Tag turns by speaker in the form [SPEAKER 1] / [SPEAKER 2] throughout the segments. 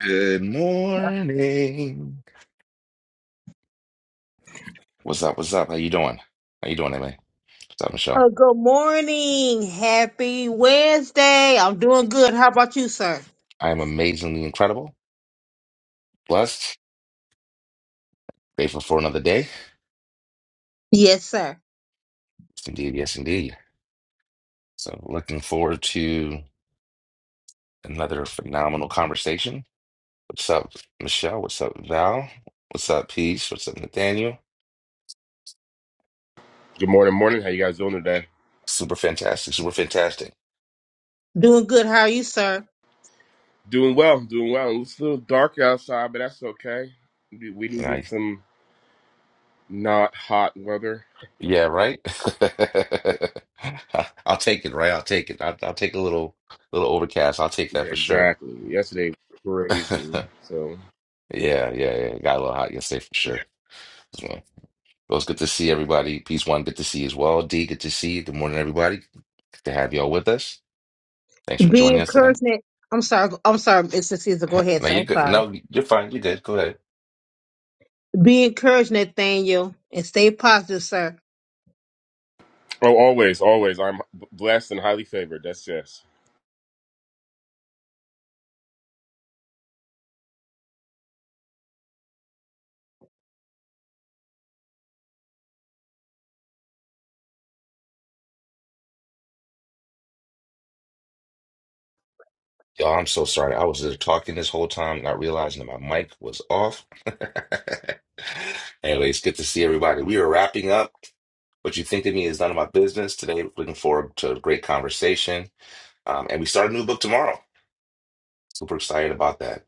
[SPEAKER 1] Good morning. What's up? What's up? How you doing? How you doing, MA? What's up, Michelle?
[SPEAKER 2] Oh, good morning. Happy Wednesday. I'm doing good. How about you, sir?
[SPEAKER 1] I am amazingly incredible, blessed, grateful for another day. Yes,
[SPEAKER 2] Yes, sir.
[SPEAKER 1] indeed. Yes, indeed. So looking forward to another phenomenal conversation. What's up, Michelle? What's up, Val? What's up, Peace? What's up, Nathaniel?
[SPEAKER 3] Good morning, morning. How you guys doing today?
[SPEAKER 1] Super fantastic. Super fantastic.
[SPEAKER 2] Doing good. How are you, sir?
[SPEAKER 3] Doing well, doing well. It's a little dark outside, but that's okay. We we
[SPEAKER 1] And I,
[SPEAKER 3] needed some not hot weather.
[SPEAKER 1] yeah, right? I'll take it, right? I'll take it. I'll, I'll take a little, little overcast. I'll take that
[SPEAKER 3] Yeah,
[SPEAKER 1] for sure.
[SPEAKER 3] exactly. Yesterday was crazy. So
[SPEAKER 1] Yeah, yeah, yeah. got a little hot yesterday for
[SPEAKER 3] yeah.
[SPEAKER 1] sure. So, well, it's good to see everybody. Peace one, good to see you as well. D, good to see you. Good morning, everybody. Good to have y'all with us. Thanks for
[SPEAKER 2] Be
[SPEAKER 1] joining us today.
[SPEAKER 2] encouraging. I'm sorry. I'm sorry, Mr. Caesar. Go ahead,
[SPEAKER 1] No,
[SPEAKER 2] sir.
[SPEAKER 1] you're
[SPEAKER 2] I'm
[SPEAKER 1] good.
[SPEAKER 2] sorry.
[SPEAKER 1] No, you're fine. You're good. Go ahead.
[SPEAKER 2] Be encouraged, Nathaniel, and stay positive, sir.
[SPEAKER 3] Oh, always, always. I'm blessed and highly favored. That's yes.
[SPEAKER 1] Y'all, I'm so sorry. I was there talking this whole time, not realizing that my mic was off. Anyway, it's good to see everybody. We are wrapping up. What you think of me is none of my business. Today, looking forward to a great conversation. Um, and we start a new book tomorrow. Super excited about that.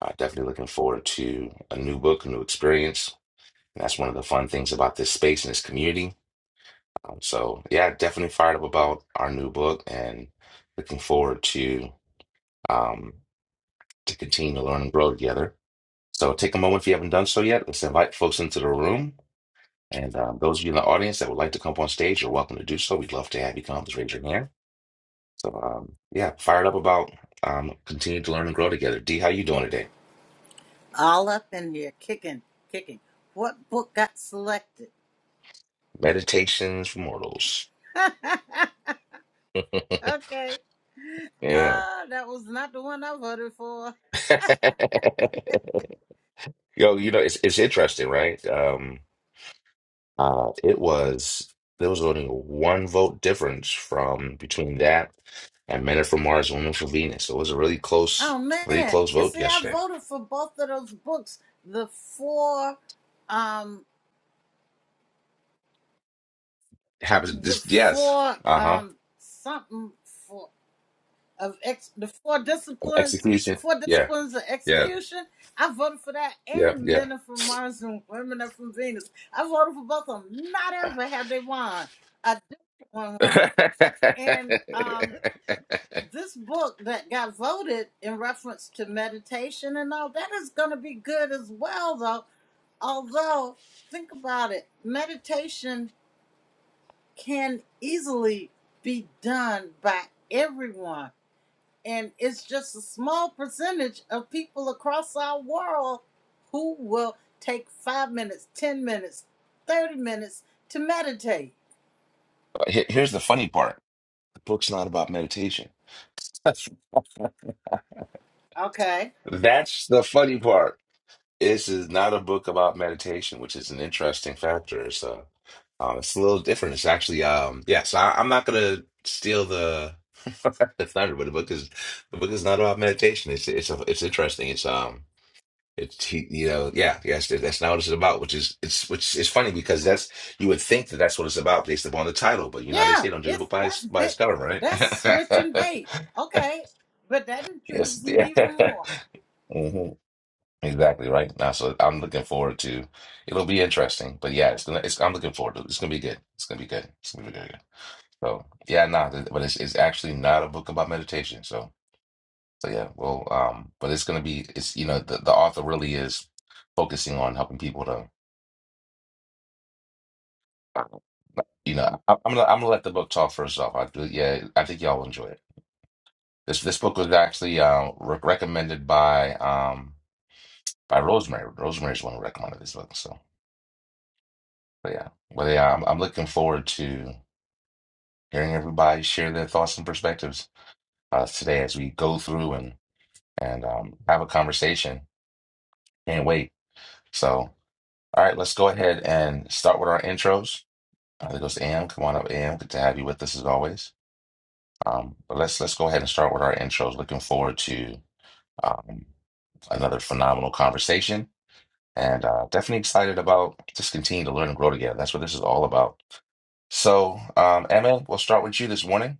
[SPEAKER 1] Uh, definitely looking forward to a new book, a new experience. And that's one of the fun things about this space and this community. Um, so, yeah, definitely fired up about our new book and looking forward to um, to continue to learn and grow together. So, take a moment if you haven't done so yet. Let's invite folks into the room. And um, those of you in the audience that would like to come up on stage, you're welcome to do so. We'd love to have you come. Just raise your hand. So, um, yeah, fired up about um, continuing to learn and grow together. D, how you doing today?
[SPEAKER 4] all up in here, kicking, kicking. What book got selected?
[SPEAKER 1] Meditations for mortals.
[SPEAKER 4] okay.
[SPEAKER 1] Yeah.
[SPEAKER 4] Oh, that was not the one I voted for.
[SPEAKER 1] Yo, you know, it's it's interesting, right? Um, uh, it was there was only a one vote difference from between that and Men Are from Mars, Women Are from Venus. It was a really close,
[SPEAKER 4] Oh
[SPEAKER 1] really
[SPEAKER 4] man.
[SPEAKER 1] close
[SPEAKER 4] And
[SPEAKER 1] vote
[SPEAKER 4] see I
[SPEAKER 1] yesterday.
[SPEAKER 4] voted for both of those books. The four um
[SPEAKER 1] It happens
[SPEAKER 4] the
[SPEAKER 1] this yes.
[SPEAKER 4] four
[SPEAKER 1] Uh-huh.
[SPEAKER 4] um something for of ex the four disciplines the
[SPEAKER 1] Execution.
[SPEAKER 4] four
[SPEAKER 1] Yeah,
[SPEAKER 4] disciplines of
[SPEAKER 1] yeah,
[SPEAKER 4] execution. I voted for that
[SPEAKER 1] yeah,
[SPEAKER 4] and
[SPEAKER 1] yeah.
[SPEAKER 4] men are from Mars and women are from Venus. I voted for both of them. Not ever have they won. A different one won. And um this book that got voted in reference to meditation and all that is gonna be good as well though. Although think about it, meditation can easily be done by everyone and it's just a small percentage of people across our world who will take five minutes, 10 minutes, 30 minutes to meditate.
[SPEAKER 1] Here- Here's the funny part. The book's not about meditation.
[SPEAKER 4] Okay.
[SPEAKER 1] That's the funny part. This is not a book about meditation, which is an interesting factor. So um, it's a little different. It's actually, um, yeah. So I, I'm not gonna steal the the thunder, but the book is the book is not about meditation. It's it's it's interesting. It's um, it's he- you know, yeah, yes, that- that's not what it's about. Which is it's which is funny because that's you would think that that's what it's about based upon the title, but you know how they
[SPEAKER 4] Yeah,
[SPEAKER 1] say don't judge a
[SPEAKER 4] it's
[SPEAKER 1] book by its
[SPEAKER 4] that's
[SPEAKER 1] by its
[SPEAKER 4] bit
[SPEAKER 1] cover,
[SPEAKER 4] that's switching
[SPEAKER 1] right?
[SPEAKER 4] bait. Okay. But that
[SPEAKER 1] Yes,
[SPEAKER 4] intrigues me
[SPEAKER 1] yeah.
[SPEAKER 4] even more.
[SPEAKER 1] Exactly right. Now, so I'm looking forward to. It'll be interesting, but yeah, it's gonna. It's, I'm looking forward to. it. It's gonna be good. It's gonna be good. It's gonna be good. good. So yeah, nah, th- but it's it's actually not a book about meditation. So so yeah, well, um, but it's gonna be. It's you know the, the author really is focusing on helping people to. You know, I, I'm gonna I'm gonna let the book talk first off. I do. Yeah, I think y'all will enjoy it. This this book was actually uh, re recommended by um by Rosemary. Rosemary's the one who recommended this book. So but yeah, but yeah, I'm I'm looking forward to. hearing everybody share their thoughts and perspectives uh, today as we go through and and um, have a conversation. Can't wait. So, all right, let's go ahead and start with our intros. Uh, there goes Am. Come on up, Am. Good to have you with us as always. Um, but let's let's go ahead and start with our intros. Looking forward to um, another phenomenal conversation, and uh, definitely excited about just continuing to learn and grow together. That's what this is all about. So, um, Emma, we'll start with you this morning.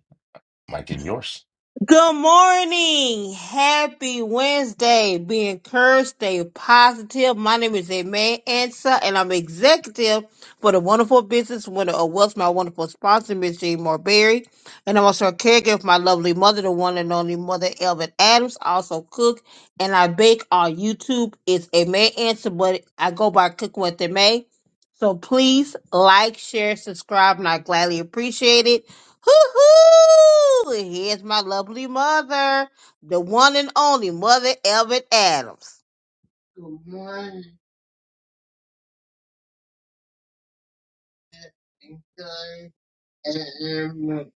[SPEAKER 1] Mike, give yours.
[SPEAKER 2] Good morning. Happy Wednesday. Be encouraged, stay positive. My name is Aimee Ansa, and I'm executive for the wonderful business winner of What's My Wonderful Sponsor, Miss Jean Marberry. And I'm also a caregiver for my lovely mother, the one and only mother, Elvin Adams. I also cook and I bake on YouTube. It's Aimee Ansa, but I go by Cook With Aimee. So please like, share, subscribe, and I gladly appreciate it. Hoo-hoo! Here's my lovely mother, the one and only Mother Elvin Adams. Good morning, guys, and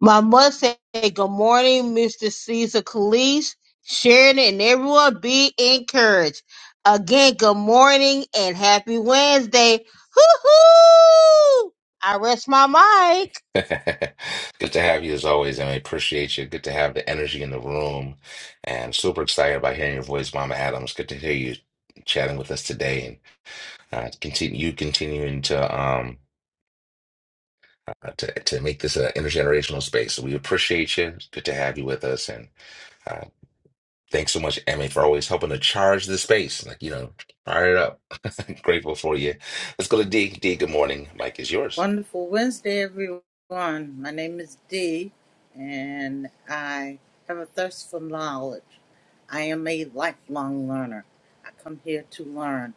[SPEAKER 2] My mother said, Good morning, Mr. Caesar Calise, Sharon, and everyone be encouraged. Again, good morning and happy Wednesday. Hoo hoo! I rest my mic.
[SPEAKER 1] Good to have you as always, and I appreciate you. Good to have the energy in the room, and super excited about hearing your voice, Mama Adams. Good to hear you chatting with us today, and uh, continue you continuing to um uh, to to make this an intergenerational space. So we appreciate you. It's good to have you with us, and uh, thanks so much, Emmy, for always helping to charge the space. Like you know, fire it up. Grateful for you. Let's go to D. D. Good morning. Mike is yours.
[SPEAKER 4] Wonderful Wednesday, everyone. My name is Dee, and I have a thirst for knowledge. I am a lifelong learner. I come here to learn.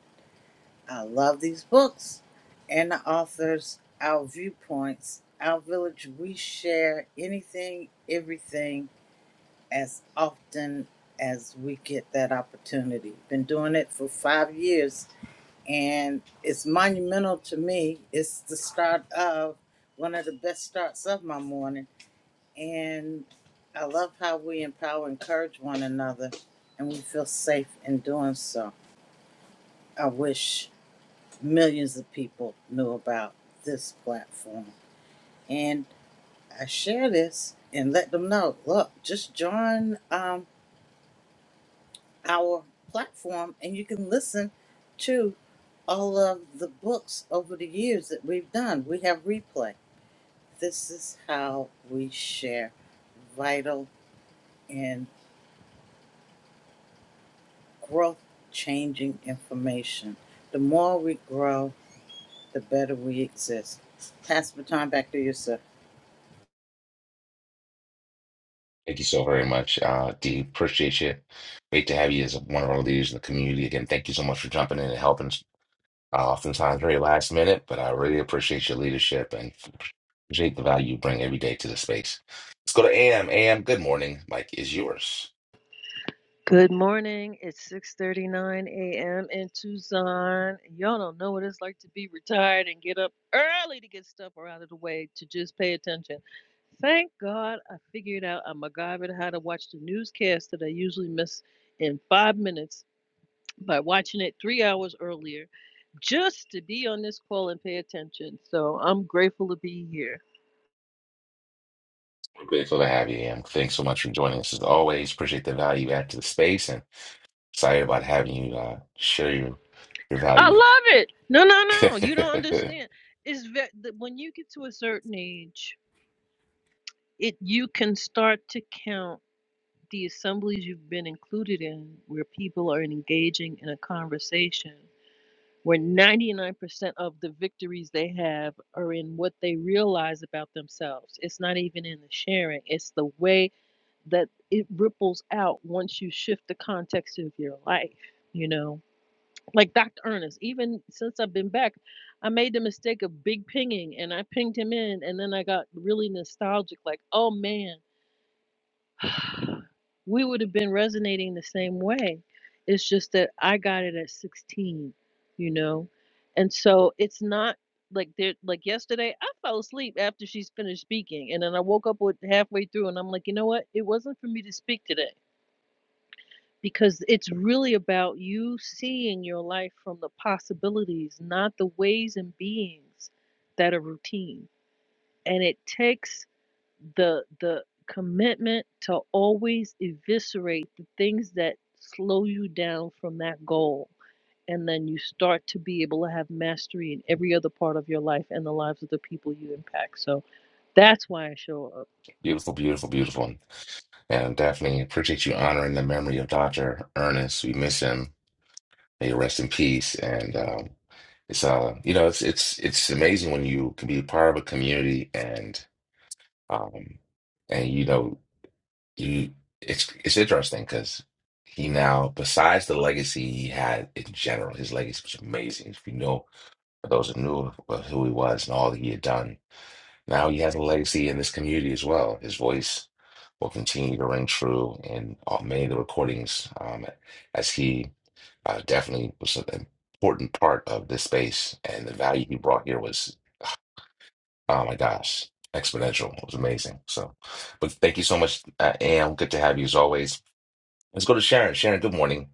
[SPEAKER 4] I love these books and the authors, our viewpoints, our village. We share anything, everything as often as we get that opportunity. Been doing it for five years and it's monumental to me. It's the start of one of the best starts of my morning. And I love how we empower, encourage one another, and we feel safe in doing so. I wish millions of people knew about this platform. And I share this and let them know look, just join um, our platform and you can listen to all of the books over the years that we've done. We have replay. This is how we share vital and growth changing information. The more we grow, the better we exist. Pass the time back to yourself.
[SPEAKER 1] Thank you so very much, uh, Dee. Appreciate you. Great to have you as one of our leaders in the community. Again, thank you so much for jumping in and helping, uh, oftentimes very last minute, but I really appreciate your leadership and appreciate the value you bring every day to the space. Let's go to AM. AM, good morning. Mike is yours.
[SPEAKER 5] Good morning. It's 6:39 a.m. in Tucson. Y'all don't know what it's like to be retired and get up early to get stuff out of the way to just pay attention. Thank God I figured out I MacGyvered how to watch the newscast that I usually miss in five minutes by watching it three hours earlier just to be on this call and pay attention. So I'm grateful to be here.
[SPEAKER 1] We're grateful to have you, AM. Thanks so much for joining us as always. Appreciate the value you add to the space and excited about having you uh, share your, your
[SPEAKER 5] I
[SPEAKER 1] value.
[SPEAKER 5] love it. No, no, no. You don't understand. It's ve- the- when you get to a certain age. it you can start to count the assemblies you've been included in where people are engaging in a conversation where 99% of the victories they have are in what they realize about themselves it's not even in the sharing it's the way that it ripples out once you shift the context of your life you know like dr ernest even since i've been back I made the mistake of big pinging and I pinged him in and then I got really nostalgic like oh man we would have been resonating the same way. It's just that I got it at 16, you know? And so it's not like there like yesterday I fell asleep after she's finished speaking and then I woke up with halfway through and I'm like, "You know what? It wasn't for me to speak today." Because it's really about you seeing your life from the possibilities, not the ways and beings that are routine. And it takes the the commitment to always eviscerate the things that slow you down from that goal and then you start to be able to have mastery in every other part of your life and the lives of the people you impact so that's why i show up
[SPEAKER 1] Beautiful, beautiful, beautiful. And definitely appreciate you honoring the memory of Dr. Ernest. We miss him. May he rest in peace. And um, it's uh, you know, it's it's it's amazing when you can be part of a community and um, and you know, you it's it's interesting because he now, besides the legacy he had in general, his legacy was amazing. If you know, for those who knew of who he was and all that he had done now he has a legacy in this community as well. His voice will continue to ring true in all, many of the recordings, um, as he uh, definitely was an important part of this space. And the value he brought here was, oh my gosh, exponential. It was amazing. So, but thank you so much, uh, Am. Good to have you as always. Let's go to Sharon. Sharon, good morning.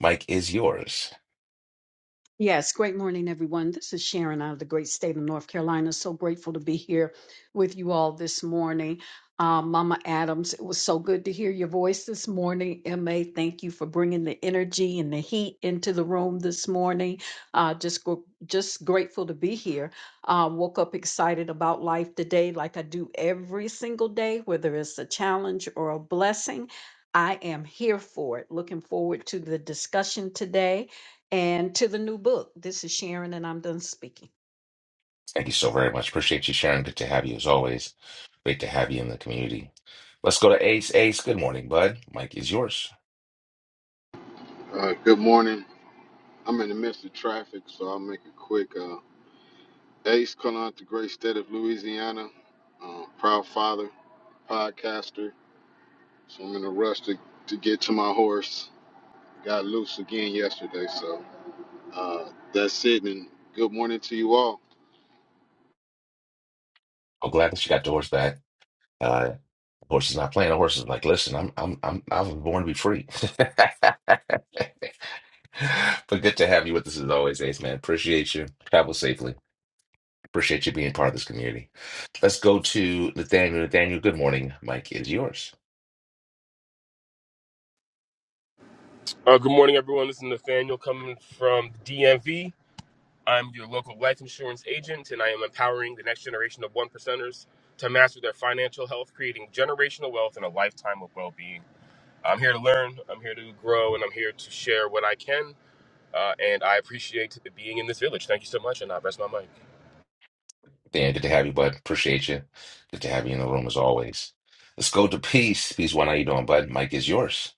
[SPEAKER 1] Mike is yours.
[SPEAKER 6] Yes, great morning, everyone. This is Sharon out of the great state of North Carolina. So grateful to be here with you all this morning. Um, Mama Adams, it was so good to hear your voice this morning. MA, thank you for bringing the energy and the heat into the room this morning. Uh, just, gr- just grateful to be here. Uh, woke up excited about life today, like I do every single day, whether it's a challenge or a blessing. I am here for it. Looking forward to the discussion today and to the new book. This is Sharon, and I'm done speaking.
[SPEAKER 1] Thank you so very much. Appreciate you, Sharon. Good to have you as always. Great to have you in the community. Let's go to Ace. Ace, good morning, bud. Mike is yours.
[SPEAKER 7] Uh, good morning. I'm in the midst of traffic, so I'll make it quick. Uh, Ace, calling out the great state of Louisiana, uh, proud father, podcaster. So I'm in a rush to, to get to my horse. Got loose again yesterday, so uh, that's it. And good morning to you all.
[SPEAKER 1] I'm glad that she got the horse back. Uh, the horse is not playing. The horse is like, listen, I'm, I'm, I'm, I was born to be free. But good to have you with us as always, Ace man. Appreciate you. Travel safely. Appreciate you being part of this community. Let's go to Nathaniel. Nathaniel, good morning. Mike is yours.
[SPEAKER 3] Uh, good morning, everyone. This is Nathaniel coming from DMV. I'm your local life insurance agent, and I am empowering the next generation of one percenters to master their financial health, creating generational wealth and a lifetime of well-being. I'm here to learn, I'm here to grow, and I'm here to share what I can. Uh, and I appreciate being in this village. Thank you so much, and I rest my mic.
[SPEAKER 1] Dan, good to have you, bud. Appreciate you. Good to have you in the room as always. Let's go to Peace. Peace, one, how you doing, bud? Mike is yours.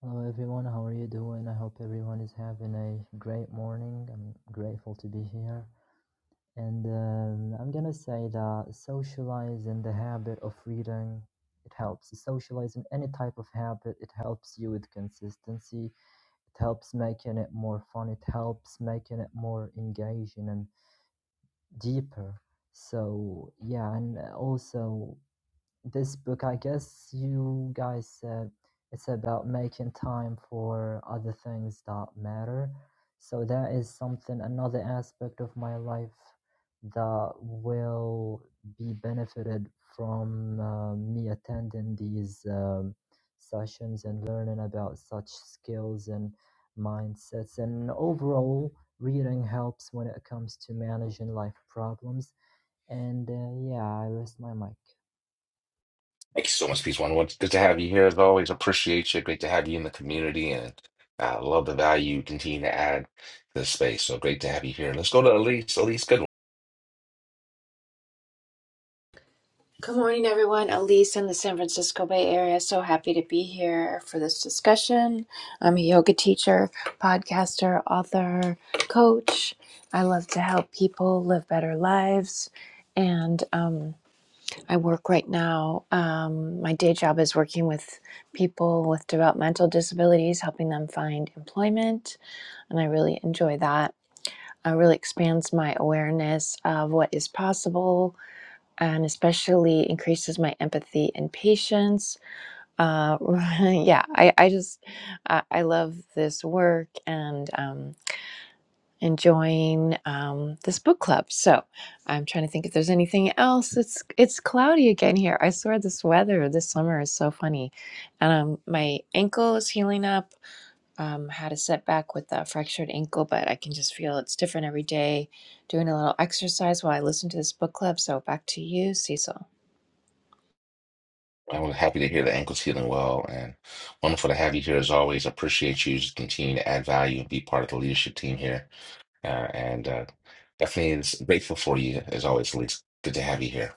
[SPEAKER 8] Hello everyone, how are you doing? I hope everyone is having a great morning. I'm grateful to be here. And um, I'm gonna say that socializing the habit of reading, it helps. Socializing any type of habit, it helps you with consistency. It helps making it more fun. It helps making it more engaging and deeper. So yeah, and also this book, I guess you guys said it's about making time for other things that matter. So that is something, another aspect of my life that will be benefited from uh, me attending these um, sessions and learning about such skills and mindsets. And overall, reading helps when it comes to managing life problems. And uh, yeah, I rest my mic.
[SPEAKER 1] Thank you so much, Peace One. What- Good to have you here as always. Appreciate you. Great to have you in the community and uh, love the value you continue to add to the space. So great to have you here. Let's go to Elise. Elise, good one.
[SPEAKER 9] Good morning, everyone. Elise in the San Francisco Bay Area. So happy to be here for this discussion. I'm a yoga teacher, podcaster, author, coach. I love to help people live better lives. And um, I work right now. Um, my day job is working with people with developmental disabilities, helping them find employment. And I really enjoy that. It really expands my awareness of what is possible and especially increases my empathy and patience. Uh, yeah, I, I just I, I love this work and um, enjoying um, this book club. So I'm trying to think if there's anything else. It's it's cloudy again here. I swear this weather this summer is so funny, and um, my ankle is healing up. Um, had a setback with a fractured ankle, but I can just feel it's different every day. Doing a little exercise while I listen to this book club. So back to you, Cecil.
[SPEAKER 1] I'm happy to hear the ankle's healing well and wonderful to have you here as always. Appreciate you. Just continue to add value and be part of the leadership team here. Uh, and uh, definitely is grateful for you as always, Elise. Good to have you here.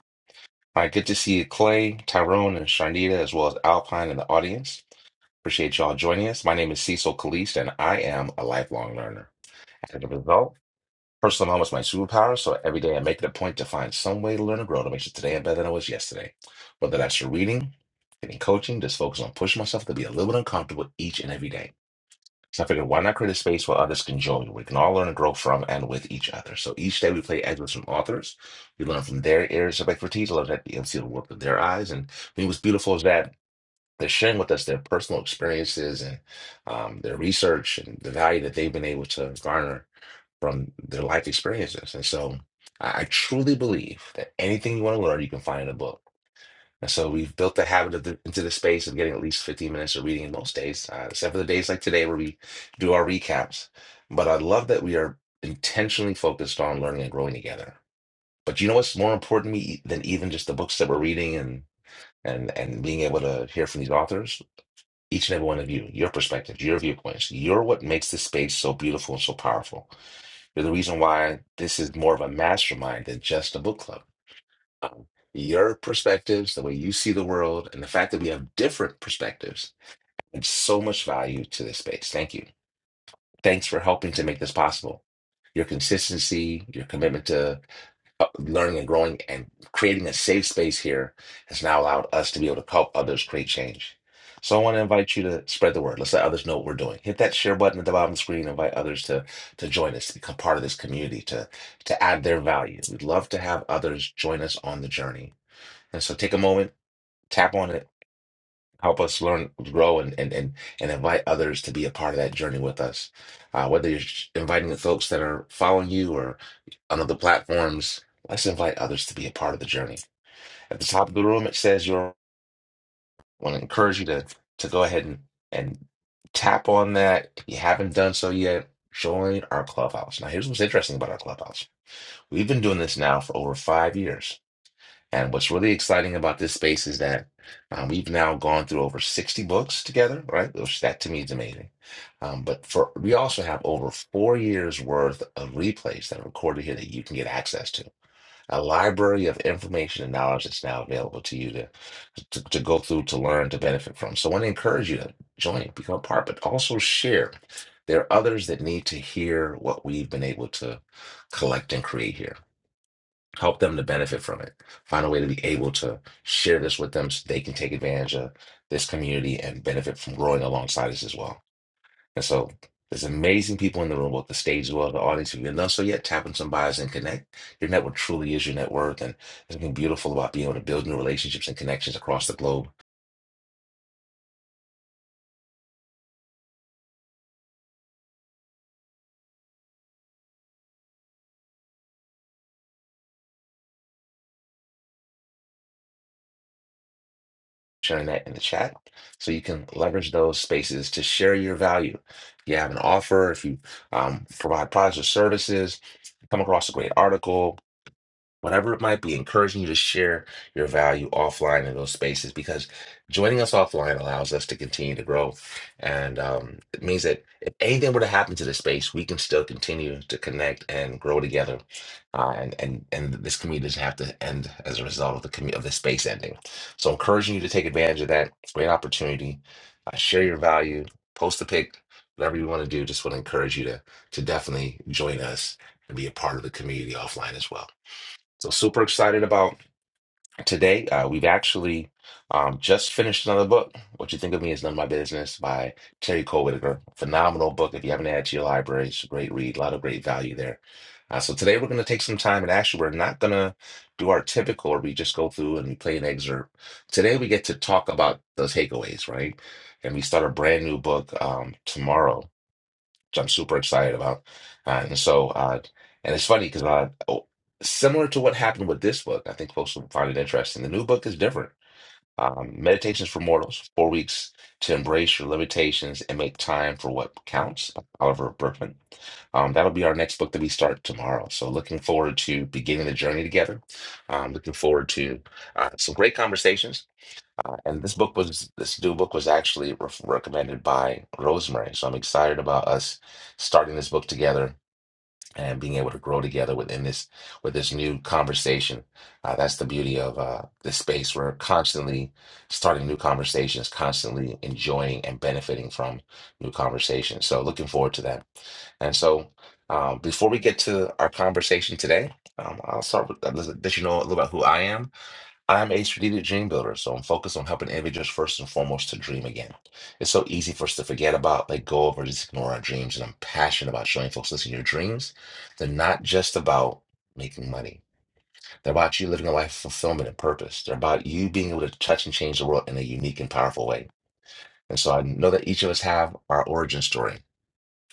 [SPEAKER 1] All right, good to see you, Clay, Tyrone, and Sharnita, as well as Alpine in the audience. Appreciate y'all joining us. My name is Cecil Kalist, and I am a lifelong learner. As a result, personal development is my superpower, so every day I make it a point to find some way to learn and grow to make sure today I'm better than I was yesterday. Whether that's through reading, getting coaching, just focus on pushing myself to be a little bit uncomfortable each and every day. So I figured, why not create a space where others can join? We can all learn and grow from and with each other. So each day we play excerpts from authors. We learn from their areas of expertise, learn that and see the work of their eyes, and I mean, what's beautiful is that. They're sharing with us their personal experiences and um, their research and the value that they've been able to garner from their life experiences. And so I, I truly believe that anything you want to learn, you can find in a book. And so we've built the habit of the, into the space of getting at least 15 minutes of reading most days, uh, except for the days like today where we do our recaps. But I love that we are intentionally focused on learning and growing together. But you know what's more important to me e, than even just the books that we're reading and and and being able to hear from these authors? each and every one of you, your perspectives, your viewpoints. You're what makes this space so beautiful and so powerful. You're the reason why this is more of a mastermind than just a book club. Um, your perspectives, the way you see the world, and the fact that we have different perspectives adds so much value to this space. Thank you. Thanks for helping to make this possible. Your consistency, your commitment to uh, learning and growing and creating a safe space here has now allowed us to be able to help others create change. So I want to invite you to spread the word. Let's let others know what we're doing. Hit that share button at the bottom of the screen. Invite others to to join us, to become part of this community, to to add their value. We'd love to have others join us on the journey. And so take a moment, tap on it, help us learn, grow, and and and, and invite others to be a part of that journey with us. Uh, whether you're inviting the folks that are following you on other platforms. Let's invite others to be a part of the journey. At the top of the room, it says you're. I want to encourage you to to go ahead and and tap on that. If you haven't done so yet, join our clubhouse. Now, here's what's interesting about our clubhouse. We've been doing this now for over five years, and what's really exciting about this space is that um, we've now gone through over 60 books together. Right, which that to me is amazing. Um, but for we also have over four years worth of replays that are recorded here that you can get access to a library of information and knowledge that's now available to you to, to, to go through, to learn, to benefit from. So I want to encourage you to join, become a part, but also share. There are others that need to hear what we've been able to collect and create here. Help them to benefit from it. Find a way to be able to share this with them so they can take advantage of this community and benefit from growing alongside us as well. And so there's amazing people in the room, both the stage as well as the audience. If you're not so yet, tap in some bios and connect. Your network truly is your net worth. And there's something beautiful about being able to build new relationships and connections across the globe. Sharing that in the chat so you can leverage those spaces to share your value. If you have an offer, if you um, provide products or services, come across a great article, whatever it might be, encouraging you to share your value offline in those spaces because joining us offline allows us to continue to grow. And um, it means that if anything were to happen to this space, we can still continue to connect and grow together. Uh, and, and, and this community doesn't have to end as a result of the, commu- of the space ending. So, encouraging you to take advantage of that great opportunity, uh, share your value, post a pic. Whatever you want to do, just want to encourage you to to definitely join us and be a part of the community offline as well. So super excited about today. Uh, we've actually um, just finished another book. What you think of me is none of my business by Terry Cole Whitaker. Phenomenal book. If you haven't had it to your library, it's a great read. A lot of great value there. Uh, so today we're going to take some time and actually we're not going to do our typical where we just go through and we play an excerpt. Today we get to talk about the takeaways, right? And we start a brand new book um, tomorrow which I'm super excited about. Uh, and so, uh, and it's funny because uh, oh, similar to what happened with this book, I think folks will find it interesting. The new book is different. Um, Meditations for Mortals, four weeks to embrace your limitations and make time for what counts, by Oliver Berkman. Um, that'll be our next book that we start tomorrow. So, looking forward to beginning the journey together. Um, looking forward to uh, some great conversations uh, and this book was this new book was actually re recommended by Rosemary. So I'm excited about us starting this book together and being able to grow together within this with this new conversation. Uh, that's the beauty of uh, this space. We're constantly starting new conversations, constantly enjoying and benefiting from new conversations. So looking forward to that. And so uh, before we get to our conversation today, um, I'll start with uh, let let you know a little about who I am. I'm a strategic Dream Builder, so I'm focused on helping individuals first and foremost to dream again. It's so easy for us to forget about, let go of, or just ignore our dreams. And I'm passionate about showing folks listen, your dreams, they're not just about making money. They're about you living a life of fulfillment and purpose. They're about you being able to touch and change the world in a unique and powerful way. And so I know that each of us have our origin story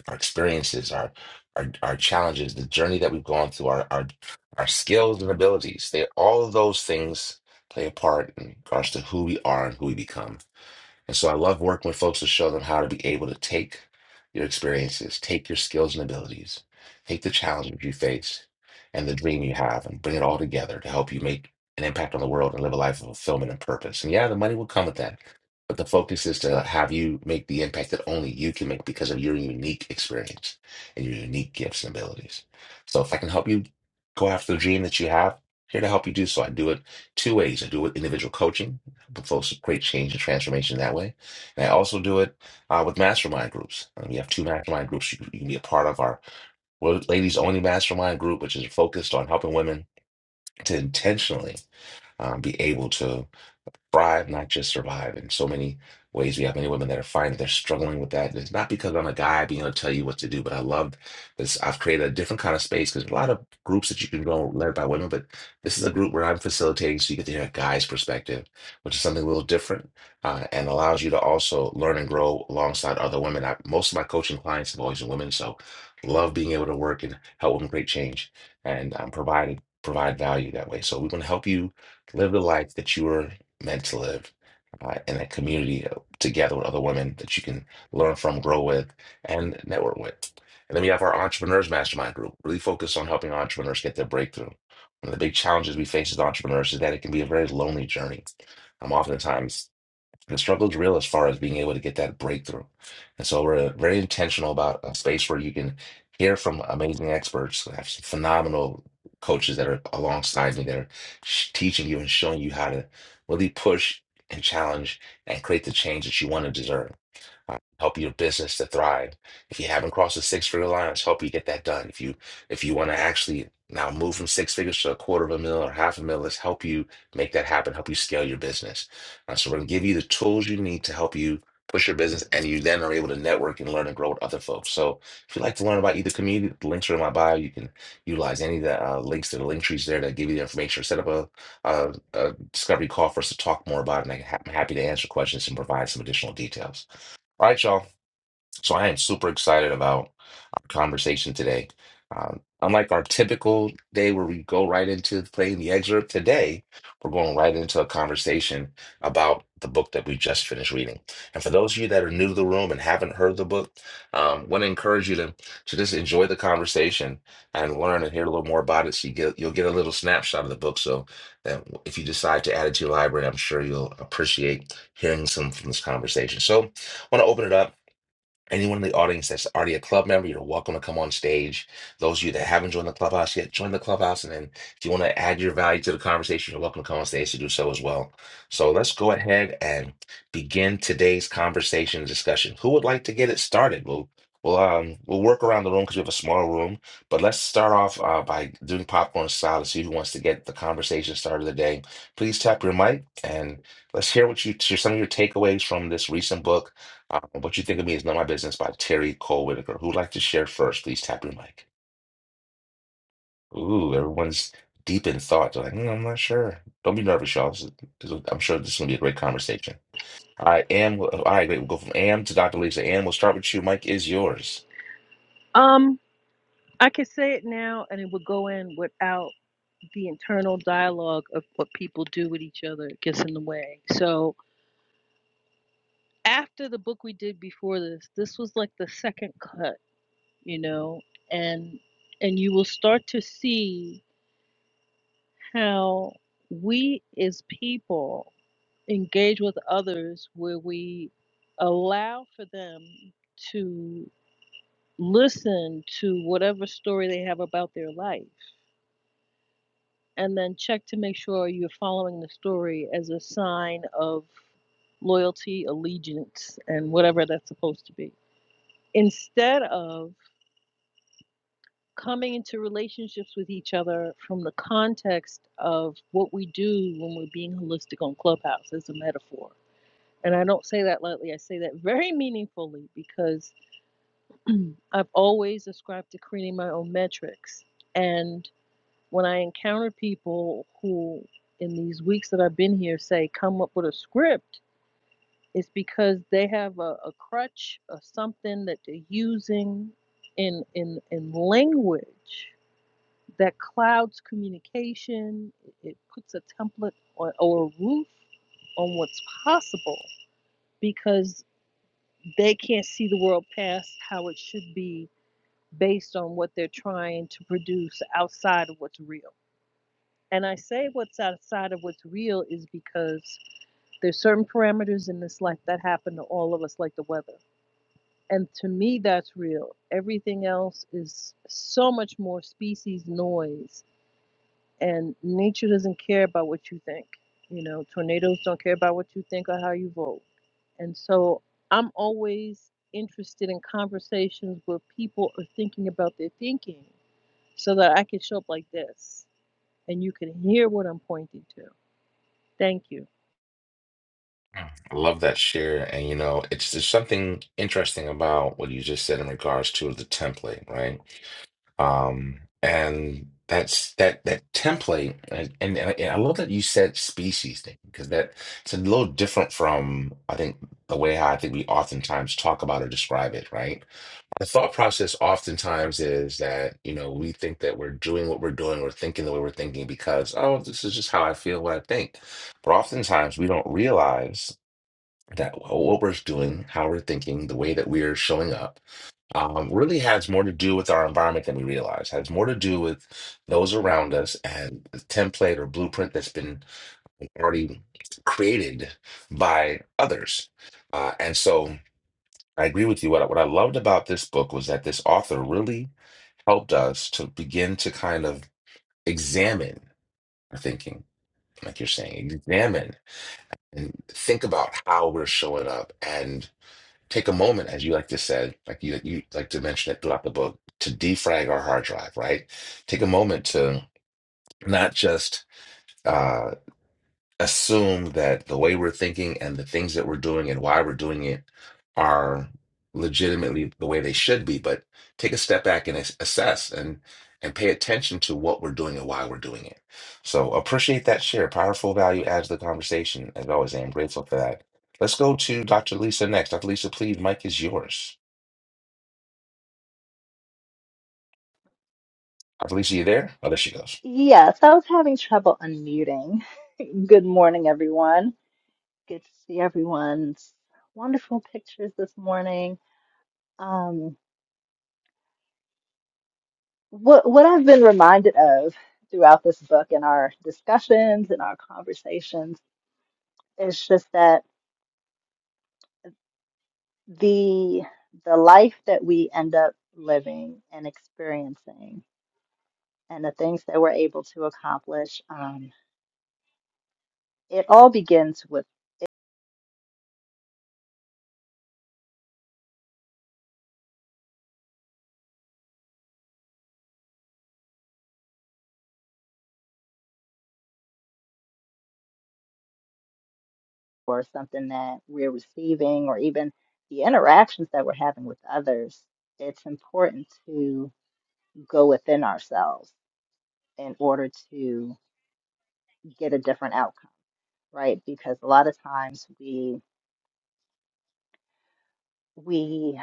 [SPEAKER 1] our experiences, our our our challenges, the journey that we've gone through, our our our skills and abilities. They all of those things play a part in regards to who we are and who we become. And so I love working with folks to show them how to be able to take your experiences, take your skills and abilities, take the challenges you face and the dream you have, and bring it all together to help you make an impact on the world and live a life of fulfillment and purpose. And yeah, the money will come with that. But the focus is to have you make the impact that only you can make because of your unique experience and your unique gifts and abilities. So if I can help you go after the dream that you have, here to help you do so. I do it two ways. I do it individual coaching folks great change and transformation that way. And I also do it uh, with mastermind groups. Uh, we have two mastermind groups you, can- you can be a part of. Our wo- ladies only mastermind group, which is focused on helping women to intentionally um, be able to thrive, not just survive. In so many ways, we have many women that are finding they're struggling with that. And it's not because I'm a guy being able to tell you what to do, but I love this. I've created a different kind of space because a lot of groups that you can go led by women, but this is a group where I'm facilitating so you get to hear a guy's perspective, which is something a little different uh, and allows you to also learn and grow alongside other women. I, most of my coaching clients have always been women, so love being able to work and help women create change and um, provide provide value that way. So we're going to help you live the life that you are meant to live uh, in a community uh, together with other women that you can learn from, grow with, and network with. And then we have our Entrepreneurs Mastermind group, really focused on helping entrepreneurs get their breakthrough. One of the big challenges we face as entrepreneurs is that it can be a very lonely journey. Um, oftentimes the struggle's real as far as being able to get that breakthrough. And so we're uh, very intentional about a space where you can hear from amazing experts, I have some phenomenal coaches that are alongside me that are sh- teaching you and showing you how to really push and challenge and create the change that you want to deserve um, help your business to thrive. If you haven't crossed the six figure line, let's help you get that done. If you if you want to actually now move from six figures to a quarter of a mil or half a mil, let's help you make that happen, help you scale your business. Uh, so we're gonna give you the tools you need to help you push your business and you then are able to network and learn and grow with other folks. So if you'd like to learn about either community, the links are in my bio. You can utilize any of the uh, links to the link trees there that give you the information. Set up a, a, a discovery call for us to talk more about it. And I can ha- I'm happy to answer questions and provide some additional details. All right, y'all. So I am super excited about our conversation today. Um, unlike our typical day where we go right into playing the excerpt, today we're going right into a conversation about the book that we just finished reading. And for those of you that are new to the room and haven't heard the book, um, want to encourage you to, to just enjoy the conversation and learn and hear a little more about it. So you get you'll get a little snapshot of the book. So that if you decide to add it to your library, I'm sure you'll appreciate hearing some from this conversation. So I want to open it up. Anyone in the audience that's already a club member, you're welcome to come on stage. Those of you that haven't joined the clubhouse yet, join the clubhouse. And then if you want to add your value to the conversation, you're welcome to come on stage to do so as well. So let's go ahead and begin today's conversation and discussion. Who would like to get it started? We'll we'll um we'll work around the room because we have a small room, but let's start off uh, by doing popcorn style to see who wants to get the conversation started today. Please tap your mic and let's hear what you share some of your takeaways from this recent book uh, what you think of me is not my business by Terry Cole Whitaker. Who'd like to share first? Please tap your mic. Ooh, everyone's deep in thought. They're like, "Mm, I'm not sure. Don't be nervous, y'all. This is- this is- I'm sure this is going to be a great conversation. All right, Am. All right, great. We'll go from Am to Dr. Lisa. Am, we'll start with you. Mike is yours.
[SPEAKER 5] um i can say it now and it would go in without the internal dialogue of what people do with each other it gets in the way so after the book we did before this this was like the second cut you know and and you will start to see how we as people engage with others where we allow for them to listen to whatever story they have about their life and then check to make sure you're following the story as a sign of loyalty allegiance and whatever that's supposed to be instead of coming into relationships with each other from the context of what we do when we're being holistic on Clubhouse as a metaphor. And I don't say that lightly, I say that very meaningfully because I've always ascribed to creating my own metrics. And when I encounter people who, in these weeks that I've been here, say, come up with a script, it's because they have a, a crutch or something that they're using in, in, in language that clouds communication. It puts a template or, or a roof on what's possible because they can't see the world past how it should be based on what they're trying to produce outside of what's real. And I say what's outside of what's real is because there's certain parameters in this life that happen to all of us, like the weather. And to me, that's real. Everything else is so much more species noise And nature doesn't care about what you think. You know, tornadoes don't care about what you think or how you vote. And so I'm always interested in conversations where people are thinking about their thinking so that I can show up like this and you can hear what I'm pointing to. Thank you.
[SPEAKER 1] I love that share. And, you know, it's there's something interesting about what you just said in regards to the template, right? Um, and that's that that template, and, and, and I love that you said species thing because that it's a little different from I think the way how I think we oftentimes talk about or describe it, right? The thought process oftentimes is that, you know, we think that we're doing what we're doing we're thinking the way we're thinking because, oh, this is just how I feel, what I think. But oftentimes we don't realize that well, what we're doing, how we're thinking, the way that we're showing up um, really has more to do with our environment than we realize. Has more to do with those around us and the template or blueprint that's been already created by others. Uh, and so I agree with you. What I, what I loved about this book was that this author really helped us to begin to kind of examine our thinking, like you're saying, examine and think about how we're showing up take a moment, as you like to say, like you you like to mention it throughout the book, to defrag our hard drive, right? Take a moment to not just uh, assume that the way we're thinking and the things that we're doing and why we're doing it are legitimately the way they should be, but take a step back and as- assess and and pay attention to what we're doing and why we're doing it. So appreciate that share. Powerful value adds to the conversation. As always, I am grateful for that. Let's go to Dr. Lisa next. Dr. Lisa, please, Mike is yours. Felicia, you there? Oh, there she goes.
[SPEAKER 10] Yes, I was having trouble unmuting. Good morning, everyone. Good to see everyone's wonderful pictures this morning. Um, what what I've been reminded of throughout this book and our discussions and our conversations is just that the the life that we end up living and experiencing and the things that we're able to accomplish, um, it all begins with. or something that we're receiving or even the interactions that we're having with others, it's important to go within ourselves in order to get a different outcome, right? Because a lot of times we we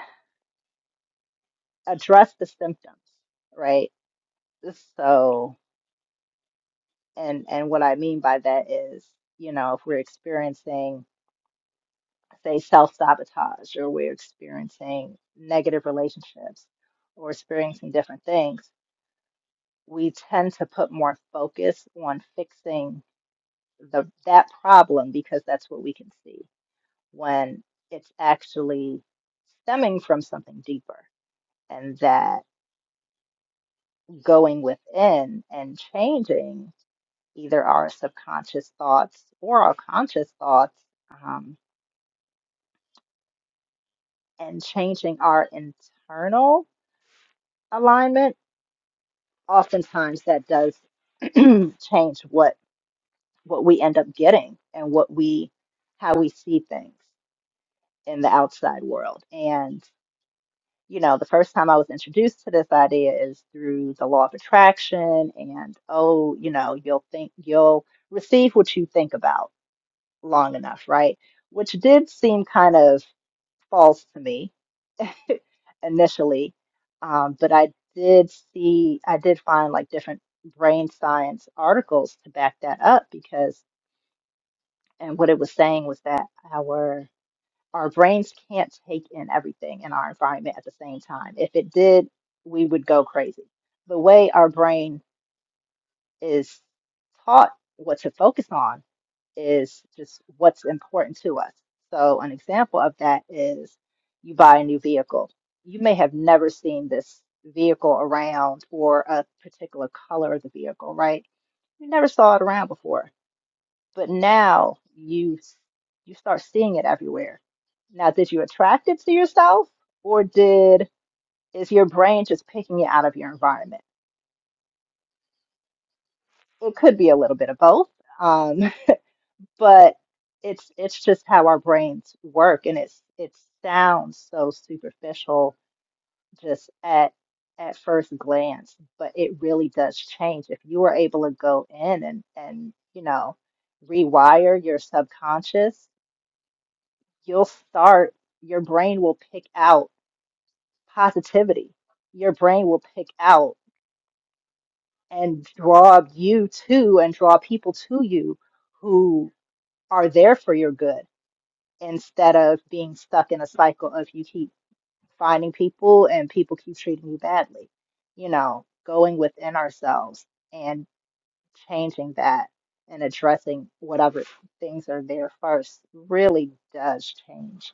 [SPEAKER 10] address the symptoms, right? So and and what I mean by that is, you know, if we're experiencing say self-sabotage or we're experiencing negative relationships or experiencing different things we tend to put more focus on fixing the that problem because that's what we can see when it's actually stemming from something deeper and that going within and changing either our subconscious thoughts or our conscious thoughts um, and changing our internal alignment oftentimes that does change what what we end up getting and what we how we see things in the outside world. And, you know, the first time I was introduced to this idea is through the law of attraction and, oh, you know, you'll think you'll receive what you think about long enough, right? Which did seem kind of false to me initially. Um, but I did see, I did find like different brain science articles to back that up because, and what it was saying was that our our brains can't take in everything in our environment at the same time. If it did, we would go crazy. The way our brain is taught what to focus on is just what's important to us. So, an example of that is you buy a new vehicle. You may have never seen this vehicle around or a particular color of the vehicle, right? You never saw it around before but now you you start seeing it everywhere. Now, did you attract it to yourself, or did is your brain just picking it out of your environment? It could be a little bit of both, um, but it's it's just how our brains work, and it's it sounds so superficial just at at first glance, but it really does change if you are able to go in and and you know rewire your subconscious you'll start, your brain will pick out positivity. Your brain will pick out and draw you to and draw people to you who are there for your good instead of being stuck in a cycle of you keep finding people and people keep treating you badly. You know, going within ourselves and changing that and addressing whatever things are there first really does change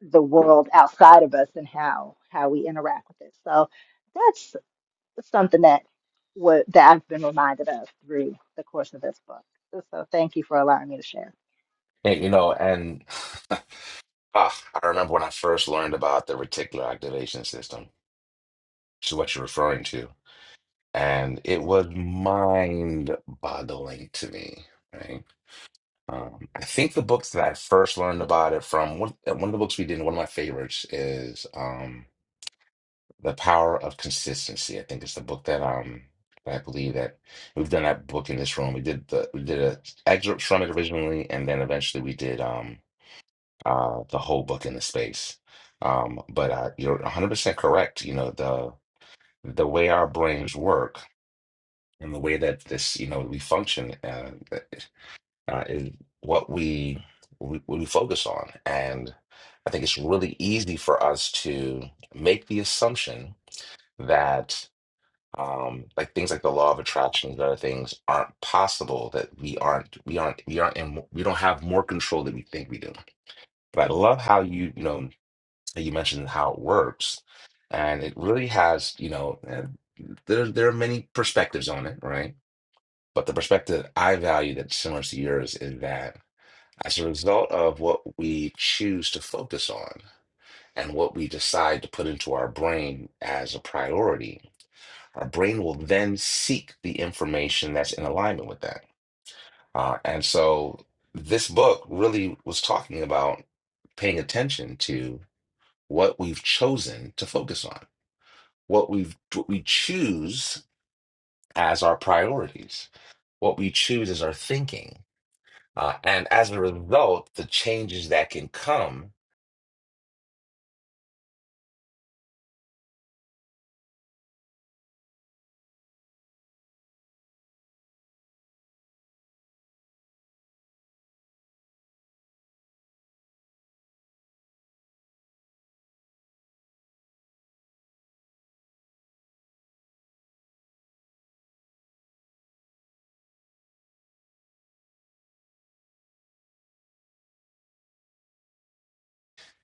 [SPEAKER 10] the world outside of us and how how we interact with it. So that's something that what that I've been reminded of through the course of this book. So thank you for allowing me to share.
[SPEAKER 1] And, you know, and ah, I remember when I first learned about the reticular activation system, which is what you're referring to, and it was mind-boggling to me, right? Um, I think the books that I first learned about it from, one, uh, one of the books we did, one of my favorites is um, The Power of Consistency. I think it's the book that um, I believe that we've done that book in this room. We did the we did a excerpt from it originally, and then eventually we did. um uh, the whole book in the space. Um, but uh, you're 100% correct. You know, the the way our brains work and the way that this, you know, we function uh, uh, is what we, we we focus on. And I think it's really easy for us to make the assumption that um, like things like the law of attraction and other things aren't possible. That we aren't we aren't we aren't in, we don't have more control than we think we do. But I love how you you know. that you mentioned how it works, and it really has, you know, uh, there there are many perspectives on it, right? But the perspective I value that's similar to yours is that as a result of what we choose to focus on and what we decide to put into our brain as a priority, our brain will then seek the information that's in alignment with that. Uh, and so this book really was talking about paying attention to what we've chosen to focus on what we what we choose as our priorities, what we choose as our thinking, uh, and as a result, the changes that can come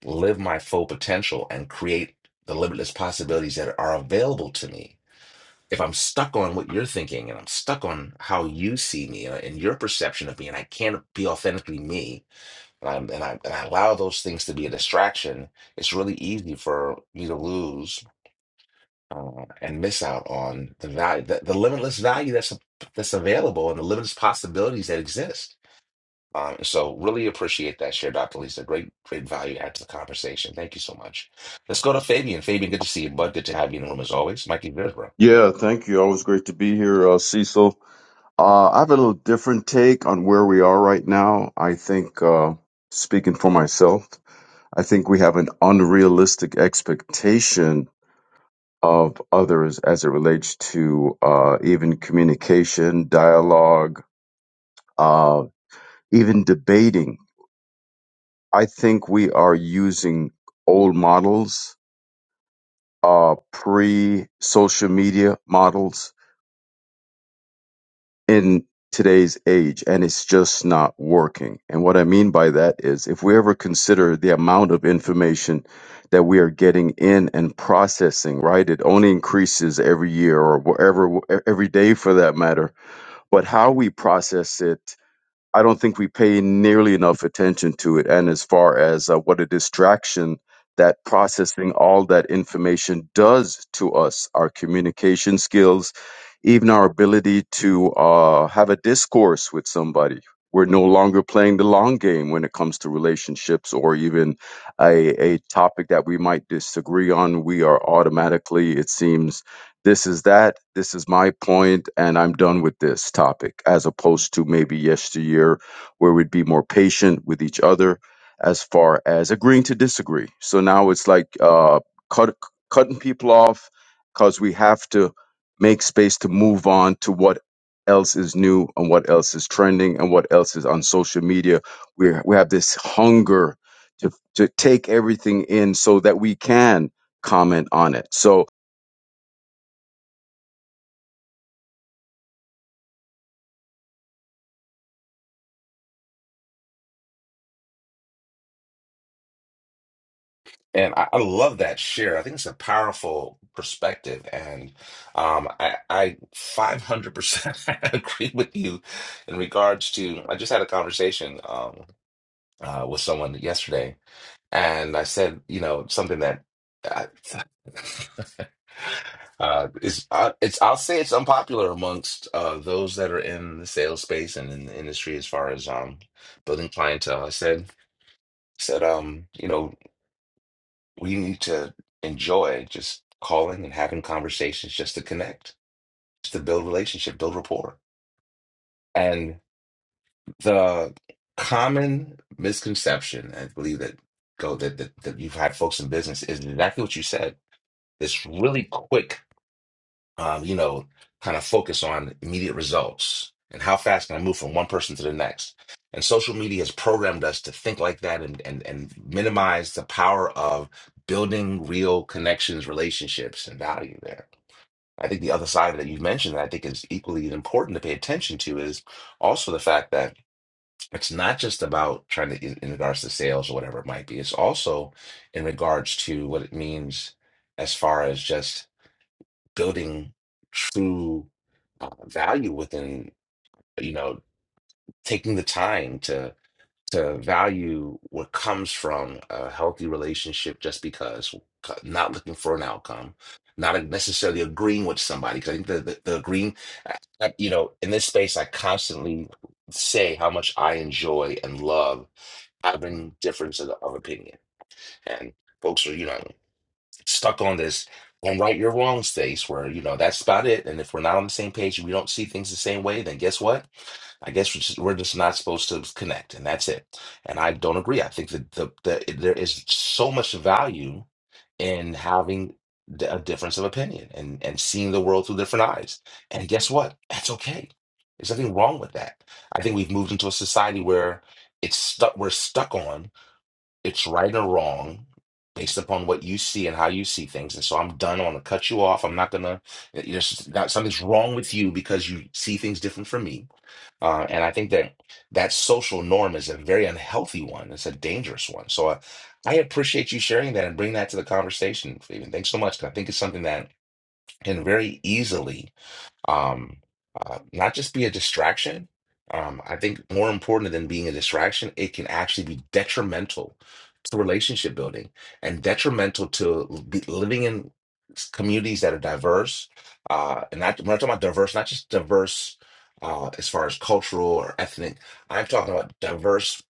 [SPEAKER 1] live my full potential and create the limitless possibilities that are available to me. If I'm stuck on what you're thinking and I'm stuck on how you see me uh, and your perception of me, and I can't be authentically me, and, I'm, and, I, and I allow those things to be a distraction, it's really easy for me to lose uh, and miss out on the value, the, the limitless value that's that's available, and the limitless possibilities that exist. Um, so, really appreciate that share, Dr. Lisa. Great, great value add to the conversation. Thank you so much. Let's go to Fabian. Fabian, good to see you, bud. Good to have you in the room as always. Mikey Visbro.
[SPEAKER 11] Yeah, thank you. Always great to be here, uh, Cecil. Uh, I have a little different take on where we are right now. I think, uh, speaking for myself, I think we have an unrealistic expectation of others as it relates to uh, even communication, dialogue, uh, even debating. I think we are using old models, uh, pre social media models in today's age and it's just not working. And what I mean by that is if we ever consider the amount of information that we are getting in and processing, right? It only increases every year or wherever every day for that matter, but how we process it I don't think we pay nearly enough attention to it. And as far as uh, what a distraction that processing all that information does to us, our communication skills, even our ability to uh, have a discourse with somebody. We're no longer playing the long game when it comes to relationships or even a, a topic that we might disagree on. We are automatically, it seems, this is that. This is my point, and I'm done with this topic, as opposed to maybe yesteryear, where we'd be more patient with each other as far as agreeing to disagree. So now it's like uh, cut, cutting people off because we have to make space to move on to what else is new and what else is trending and what else is on social media. We we have this hunger to to take everything in so that we can comment on it. So
[SPEAKER 1] And I, I love that share. I think it's a powerful perspective. And um, I, I 500% agree with you in regards to, I just had a conversation um, uh, with someone yesterday and I said, you know, something that I, uh, is uh, it's I'll say it's unpopular amongst uh, those that are in the sales space and in the industry as far as um, building clientele. I said said um, you know, we need to enjoy just calling and having conversations just to connect, just to build relationship, build rapport. And the common misconception, I believe that go that that, that you've had folks in business is exactly what you said this really quick, um, you know, kind of focus on immediate results and how fast can I move from one person to the next. And social media has programmed us to think like that and and and minimize the power of building real connections, relationships, and value there. I think the other side that you've mentioned that I think is equally as important to pay attention to is also the fact that it's not just about trying to in, in regards to sales or whatever it might be. It's also in regards to what it means as far as just building true uh, value within you know taking the time to to value what comes from a healthy relationship just because not looking for an outcome not necessarily agreeing with somebody because i think the, the, the agreeing I- you know in this space i constantly say how much i enjoy and love having difference of, of opinion and folks are you know stuck on this and right your wrong space where you know that's about it and if we're not on the same page and we don't see things the same way then guess what i guess we're just, we're just not supposed to connect and that's it and i don't agree i think that the, the there is so much value in having d- a difference of opinion and and seeing the world through different eyes and guess what that's okay there's nothing wrong with that i think we've moved into a society where it's stuck we're stuck on it's right or wrong based upon what you see and how you see things. And so I'm done. I want to cut you off. I'm not gonna. There's not something's wrong with you because you see things different from me. Uh, and I think that that social norm is a very unhealthy one. It's a dangerous one. So uh, I appreciate you sharing that and bring that to the conversation, Fabian. Thanks so much. 'cause I think it's something that can very easily um, uh, not just be a distraction. Um, I think more important than being a distraction, it can actually be detrimental to relationship building and detrimental to l- be living in s- communities that are diverse. Uh, and not, when I'm talking about diverse, not just diverse uh, as far as cultural or ethnic, I'm talking about diverse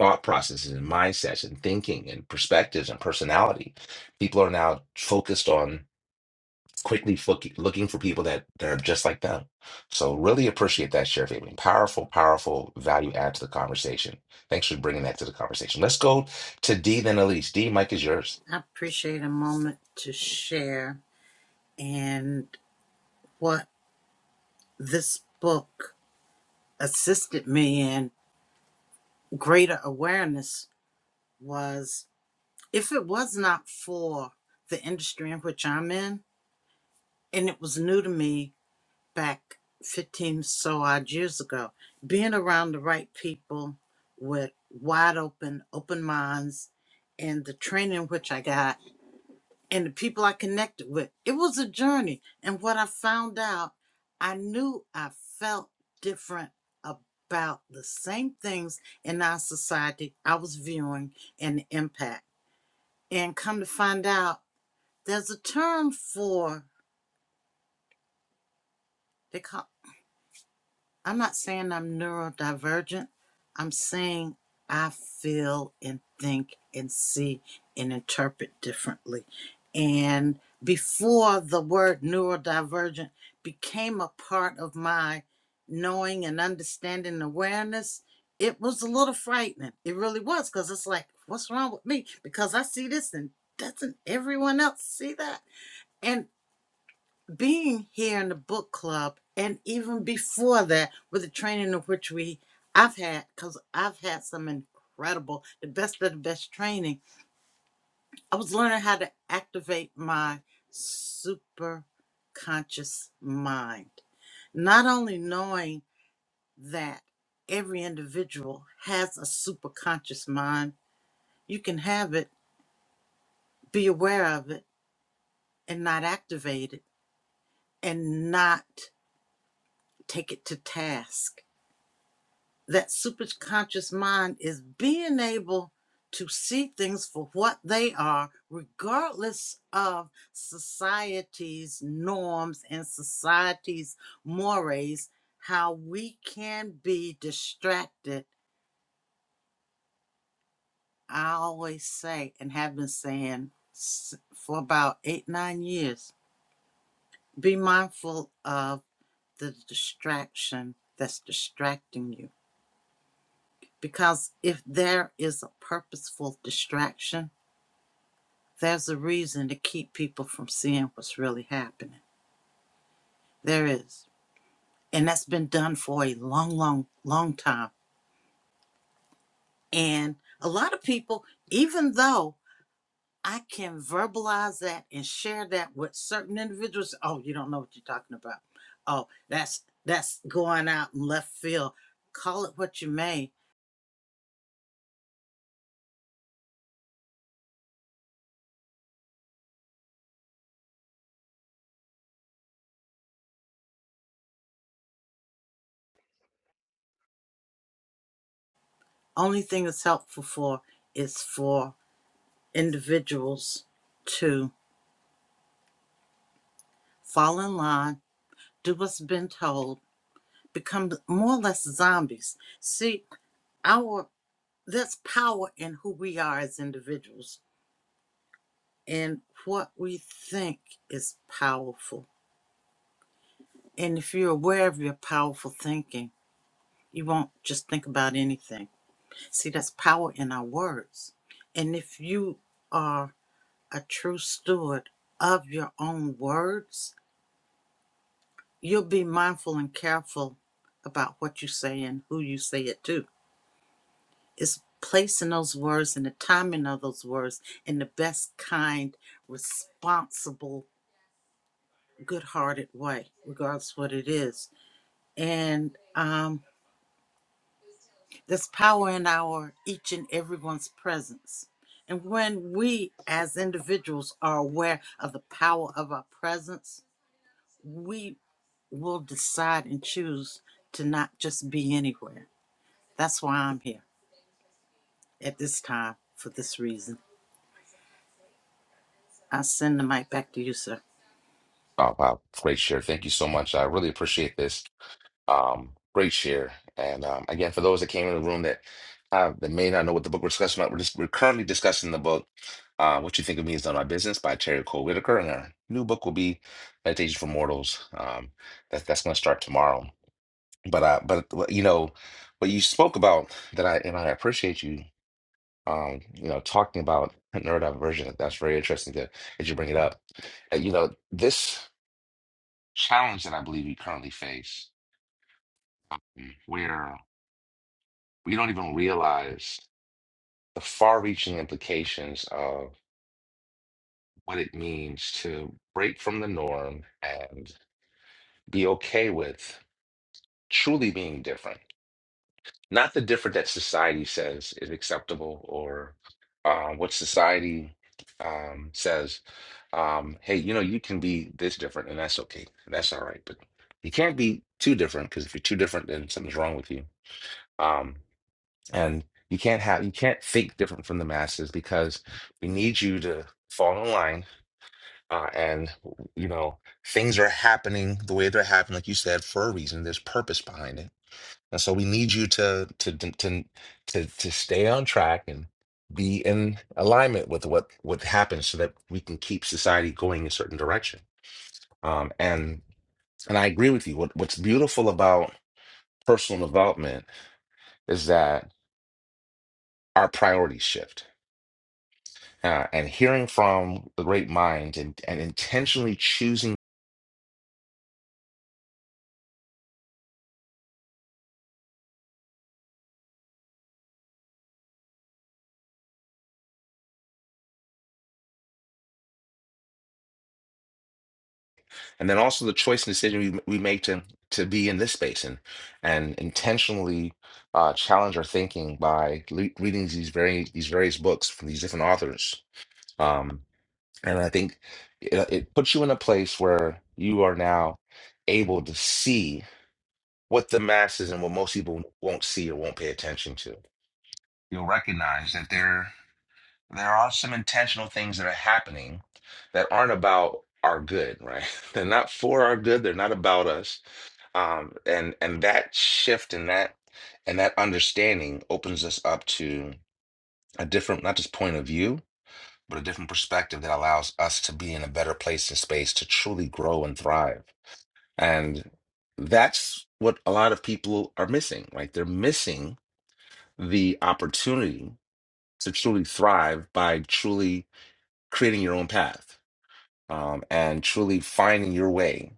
[SPEAKER 1] thought processes and mindsets and thinking and perspectives and personality. People are now focused on quickly looking looking for people that, that are just like them. So really appreciate that share, Fabian. Powerful, powerful value add to the conversation. Thanks for bringing that to the conversation. Let's go to D then Elise. D, Mike is yours.
[SPEAKER 4] I appreciate a moment to share and what this book assisted me in greater awareness was if it was not for the industry in which I'm in, and it was new to me back 15 so odd years ago, being around the right people with wide open, open minds and the training which I got and the people I connected with. It was a journey. And what I found out, I knew I felt different about the same things in our society I was viewing and the impact. And come to find out, there's a term for they call. I'm not saying I'm neurodivergent. I'm saying I feel and think and see and interpret differently. And before the word neurodivergent became a part of my knowing and understanding and awareness, it was a little frightening. It really was because it's like, what's wrong with me? Because I see this and doesn't everyone else see that? And being here in the book club and even before that with the training of which we i've had because i've had some incredible the best of the best training i was learning how to activate my super conscious mind not only knowing that every individual has a super conscious mind you can have it be aware of it and not activate it and not take it to task that superconscious mind is being able to see things for what they are, regardless of society's norms and society's mores, how we can be distracted. I always say, and have been saying for about eight, nine years, be mindful of the distraction that's distracting you. Because if there is a purposeful distraction, There's a reason to keep people from seeing what's really happening. There is. And that's been done for a long, long, long time. And a lot of people, even though I can verbalize that and share that with certain individuals, oh, you don't know what you're talking about. Oh, that's that's going out in left field. Call it what you may. Only thing that's helpful for is for individuals to fall in line, do what's been told, become more or less zombies. See, our there's power in who we are as individuals and what we think is powerful. And if you're aware of your powerful thinking, you won't just think about anything. See, that's power in our words. And if you are a true steward of your own words, you'll be mindful and careful about what you say and who you say it to is placing those words and the timing of those words in the best kind, responsible, good-hearted way, regardless what it is. And um, there's power in our each and everyone's presence. And when we as individuals are aware of the power of our presence, we will decide and choose to not just be anywhere. That's why I'm here at this time for this reason. I send the mic back to you, sir.
[SPEAKER 1] Oh wow, great share. Thank you so much. I really appreciate this. Um, great share. And um, again, for those that came in the room that uh, that may not know what the book we're discussing about, we're just we're currently discussing the book. Uh, what you think of me is none of my business by Terry Cole Whitaker, and our new book will be Meditation for Mortals. Um, that, that's going to start tomorrow. But I, but you know, what you spoke about that I and I appreciate you, um, you know, talking about neurodivergent. That's very interesting that, that you bring it up. Uh, you know, this challenge that I believe we currently face, mm, where we don't even realize the far-reaching implications of what it means to break from the norm and be okay with truly being different not the different that society says is acceptable or uh, what society um, says. Um, hey, you know, you can be this different and that's okay. That's all right. But you can't be too different because if you're too different, then something's wrong with you. Um, and you can't have, you can't think different from the masses because we need you to fall in line. Uh, and, you know, things are happening the way they're happening, like you said, for a reason. There's purpose behind it and so we need you to to to to to stay on track and be in alignment with what what happens so that we can keep society going a certain direction. Um, and and I agree with you. What what's beautiful about personal development is that our priorities shift. Uh, and hearing from the great minds and, and intentionally choosing and then also the choice and decision we, we make to to be in this space and and intentionally uh, challenge our thinking by le- reading these very these various books from these different authors. Um, and I think it, it puts you in a place where you are now able to see what the masses and what most people won't see or won't pay attention to. You'll recognize that there there are some intentional things that are happening that aren't about our good, right? They're not for our good. They're not about us um, and and that shift and that and that understanding opens us up to a different not just point of view but a different perspective that allows us to be in a better place and space to truly grow and thrive and that's what a lot of people are missing right they're missing the opportunity to truly thrive by truly creating your own path um, and truly finding your way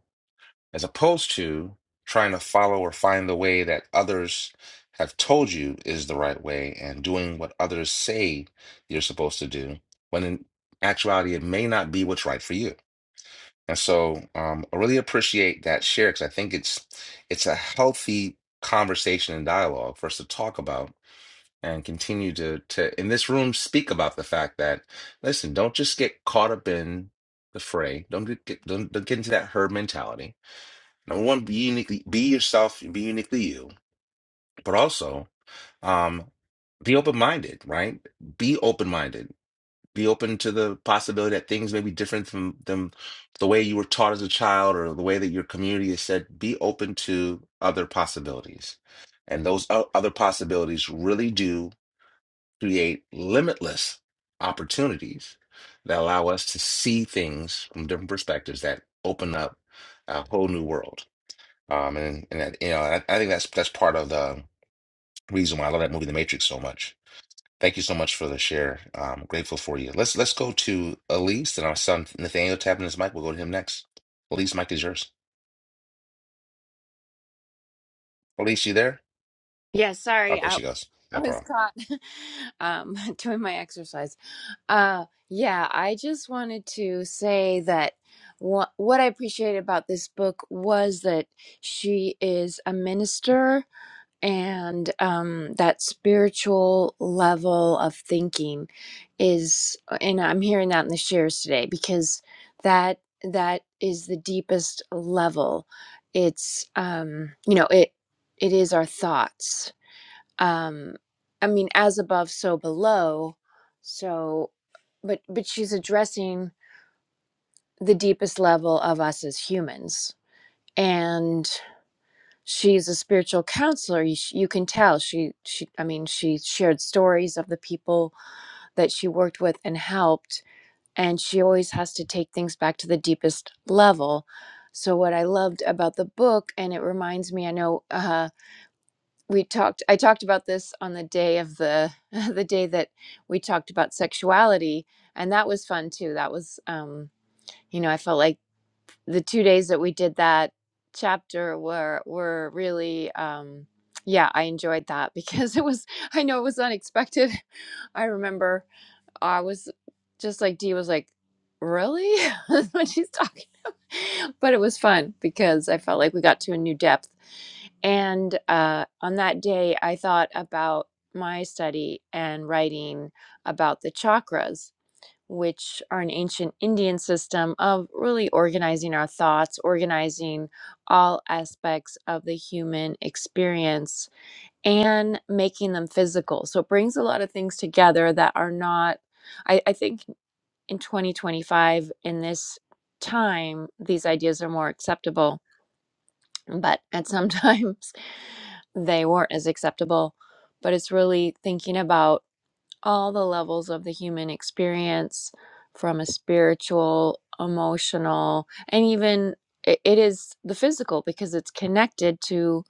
[SPEAKER 1] as opposed to trying to follow or find the way that others have told you is the right way and doing what others say you're supposed to do, when in actuality, it may not be what's right for you. And so um, I really appreciate that share because I think it's it's a healthy conversation and dialogue for us to talk about and continue to to in this room speak about the fact that listen, don't just get caught up in the fray. Don't get, get don't, don't get into that herd mentality Number one, be uniquely be yourself and be uniquely you. But also, um, be open minded, right? Be open minded. Be open to the possibility that things may be different from them the way you were taught as a child or the way that your community is said. Be open to other possibilities. And those o- other possibilities really do create limitless opportunities that allow us to see things from different perspectives that open up a whole new world. Um, and and that, you know, I, I think that's that's part of the reason why I love that movie, The Matrix, so much. Thank you so much for the share. I'm grateful for you. Let's let's go to Elise and our son Nathaniel tapping his mic. We'll go to him next. Elise, mic is yours. Elise, you there?
[SPEAKER 9] Yeah,
[SPEAKER 1] Oh,
[SPEAKER 9] sorry,
[SPEAKER 1] there
[SPEAKER 9] I,
[SPEAKER 1] she goes.
[SPEAKER 9] I
[SPEAKER 1] No
[SPEAKER 9] was
[SPEAKER 1] problem.
[SPEAKER 9] caught um, doing my exercise. Uh, yeah, I just wanted to say that wha what I appreciated about this book was that she is a minister and um, that spiritual level of thinking is, and I'm hearing that in the shares today because that that is the deepest level. It's um, you know it it is our thoughts um i mean as above so below so but but she's addressing the deepest level of us as humans and she's a spiritual counselor you, sh- you can tell she she i mean she shared stories of the people that she worked with and helped and she always has to take things back to the deepest level so what i loved about the book and it reminds me i know uh. we talked i talked about this on the day of the the day that we talked about sexuality and that was fun too that was um you know i felt like the two days that we did that chapter were were really um yeah i enjoyed that because it was i know it was unexpected i remember i was just like dee was like really when she's talking but it was fun because i felt like we got to a new depth and uh, on that day, I thought about my study and writing about the chakras, which are an ancient Indian system of really organizing our thoughts, organizing all aspects of the human experience, and making them physical. So it brings a lot of things together that are not, I, I think in 2025, in this time, these ideas are more acceptable but at sometimes they weren't as acceptable but it's really thinking about all the levels of the human experience from a spiritual emotional and even i- it is the physical because it's connected to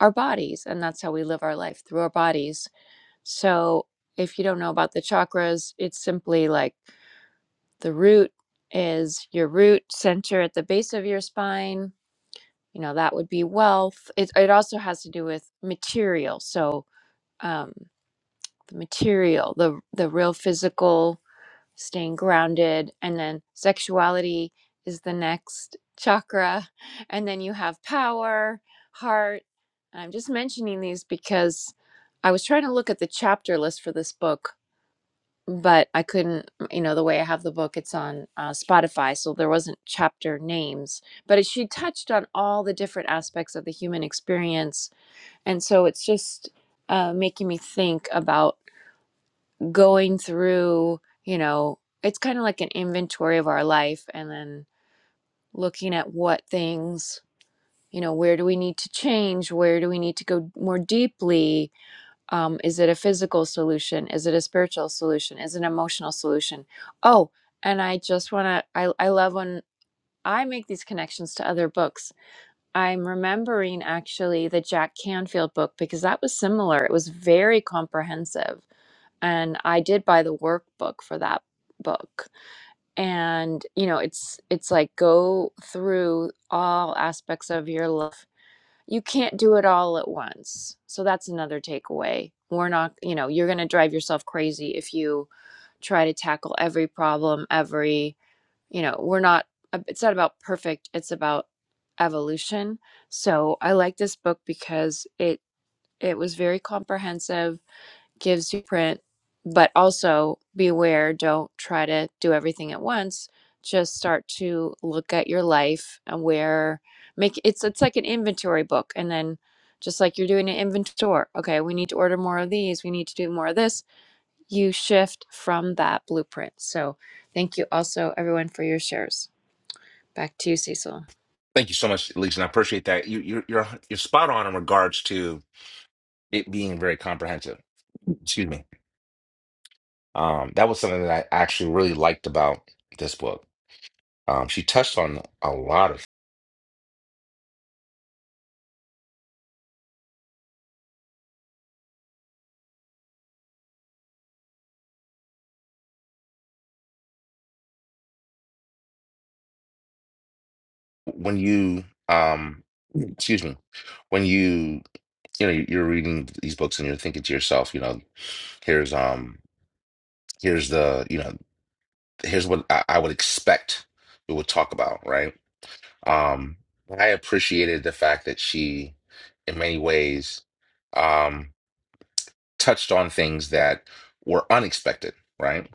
[SPEAKER 9] our bodies and that's how we live our life through our bodies so if you don't know about the chakras it's simply like the root is your root center at the base of your spine you know that would be wealth it, it also has to do with material so um the material the the real physical staying grounded and then sexuality is the next chakra and then you have power heart i'm just mentioning these because i was trying to look at the chapter list for this book but I couldn't, you know, the way I have the book, it's on uh, Spotify, so there wasn't chapter names. But it, she touched on all the different aspects of the human experience, and so it's just uh, making me think about going through, you know, it's kind of like an inventory of our life, and then looking at what things, you know, where do we need to change, where do we need to go more deeply, um, is it a physical solution is it a spiritual solution is it an emotional solution oh and i just want to I, I love when i make these connections to other books i'm remembering actually the jack canfield book because that was similar it was very comprehensive and i did buy the workbook for that book and you know it's it's like go through all aspects of your life you can't do it all at once. So that's another takeaway. We're not, you know, you're going to drive yourself crazy if you try to tackle every problem, every, you know, we're not, uh, it's not about perfect, it's about evolution. So I like this book because it, it was very comprehensive gives you print, but also beware. don't try to do everything at once. Just start to look at your life and where make it's it's like an inventory book and then just like you're doing an inventory. Okay, we need to order more of these, we need to do more of this. You shift from that blueprint. So thank you also everyone for your shares. Back to you, Cecil.
[SPEAKER 1] Thank you so much, Elise, and I appreciate that. You you're you're you're spot on in regards to it being very comprehensive. Excuse me. Um, that was something that I actually really liked about this book. Um, she touched on a lot of when you um excuse me when you you know you're reading these books and you're thinking to yourself you know here's um here's the you know here's what i, I would expect it would talk about right um i appreciated the fact that she in many ways um touched on things that were unexpected right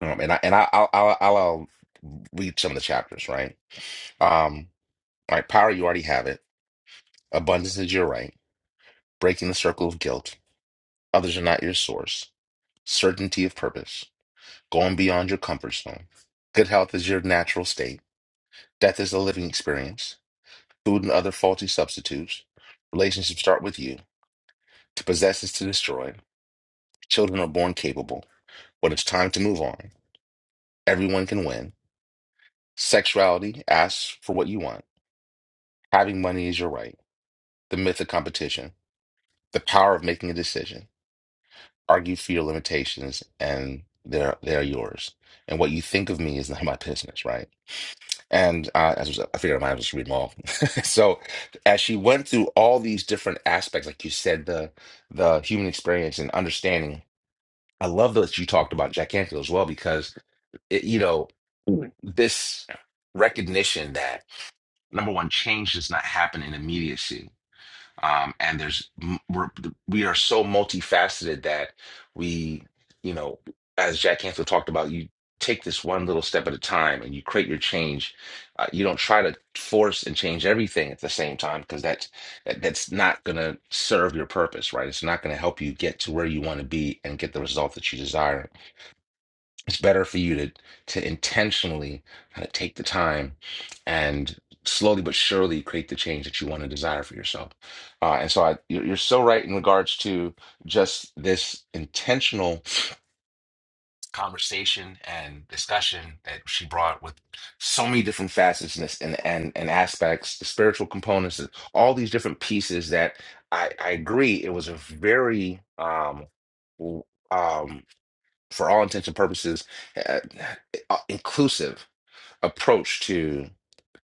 [SPEAKER 1] um, and i and i I'll, I'll i'll I'll read some of the chapters right um all right power you already have it abundance is your right breaking the circle of guilt others are not your source certainty of purpose, going beyond your comfort zone. Good health is your natural state. Death is a living experience. Food and other faulty substitutes. Relationships start with you. To possess is to destroy. Children are born capable. When it's time to move on, everyone can win. Sexuality asks for what you want. Having money is your right. The myth of competition. The power of making a decision. Argue for your limitations, and they're, they're yours. And what you think of me is not my business, right? And uh, as I was- I figured I might as well just read them all. so as she went through all these different aspects, like you said, the the human experience and understanding, I love that you talked about Jack Canfield as well because it, you know this recognition that number one, change does not happen in immediacy um, and there's we're, we are so multifaceted that we you know as jack canfield talked about you take this one little step at a time and you create your change uh, you don't try to force and change everything at the same time because that's that, that's not going to serve your purpose right it's not going to help you get to where you want to be and get the result that you desire it's better for you to to intentionally kind of take the time and slowly but surely create the change that you want to desire for yourself. Uh, and so I, you're you're so right in regards to just this intentional conversation and discussion that she brought with so many different facets and this- and and, and aspects, the spiritual components, and all these different pieces that I, I agree it was a very um w- um for all intents and purposes, uh, uh, inclusive approach to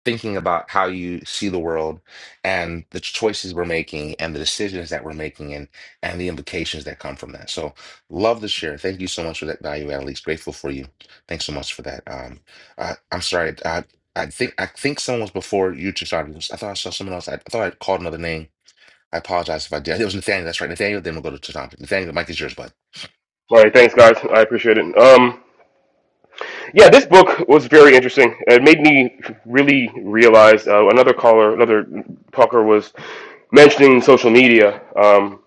[SPEAKER 1] thinking about how you see the world and the choices we're making and the decisions that we're making and and the implications that come from that. So love to share. Thank you so much for that value, Annalise. Grateful for you. Thanks so much for that. Um, I, I'm sorry. I, I think I think someone was before you, just started. I thought I saw someone else. I, I thought I called another name. I apologize if I did. It was Nathaniel. That's right, Nathaniel. Then we'll go to Chishan. Nathaniel, the mic is yours, bud.
[SPEAKER 3] All right, thanks, guys. I appreciate it. Um, yeah, this book was very interesting. It made me really realize. Uh, another caller, another talker was mentioning social media. Um,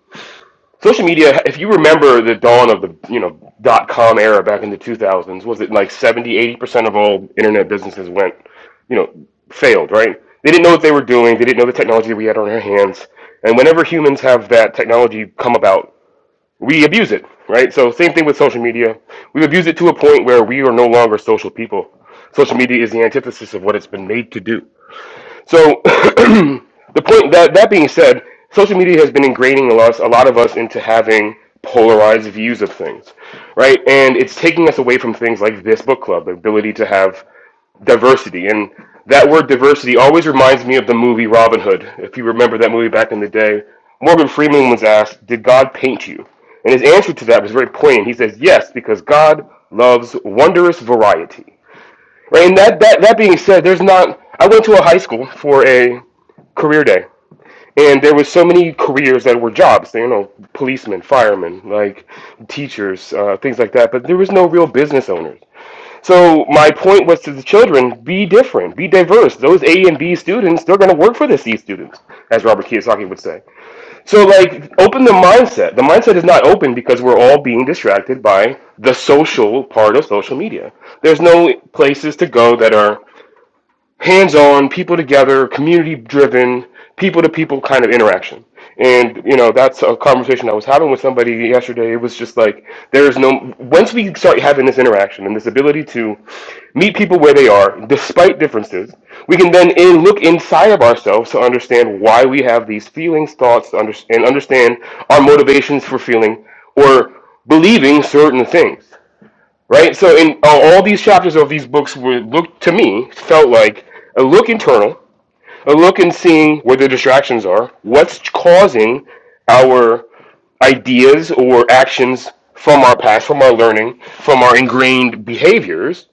[SPEAKER 3] social media if you remember the dawn of the you know dot com era back in the 2000s was it like 70 80% of all internet businesses went you know failed right they didn't know what they were doing they didn't know the technology we had on our hands and whenever humans have that technology come about we abuse it right so same thing with social media we abuse it to a point where we are no longer social people social media is the antithesis of what it's been made to do so the point that that being said, social media has been ingraining a lot, a lot of us into having polarized views of things, right? And it's taking us away from things like this book club, the ability to have diversity. And that word diversity always reminds me of the movie Robin Hood. If you remember that movie back in the day, Morgan Freeman was asked, "Did God paint you?" And his answer to that was very poignant. He says, "Yes, because God loves wondrous variety." Right? And that that that being said, there's not. I went to a high school for a career day and there was so many careers that were jobs you know policemen firemen like teachers uh, things like that but there was no real business owners so my point was to the children be different be diverse those a and b students they're going to work for the c students as robert kiyosaki would say so like open the mindset the mindset is not open because we're all being distracted by the social part of social media there's no places to go that are hands on, people together, community driven, people to people kind of interaction. And you know, that's a conversation I was having with somebody yesterday. It was just like there is no once we start having this interaction and this ability to meet people where they are, despite differences, we can then in, look inside of ourselves to understand why we have these feelings, thoughts, and understand our motivations for feeling or believing certain things right? So in all all these chapters of these books were look to me felt like a look internal, a look and seeing where the distractions are, what's causing our ideas or actions from our past, from our learning, from our ingrained behaviors,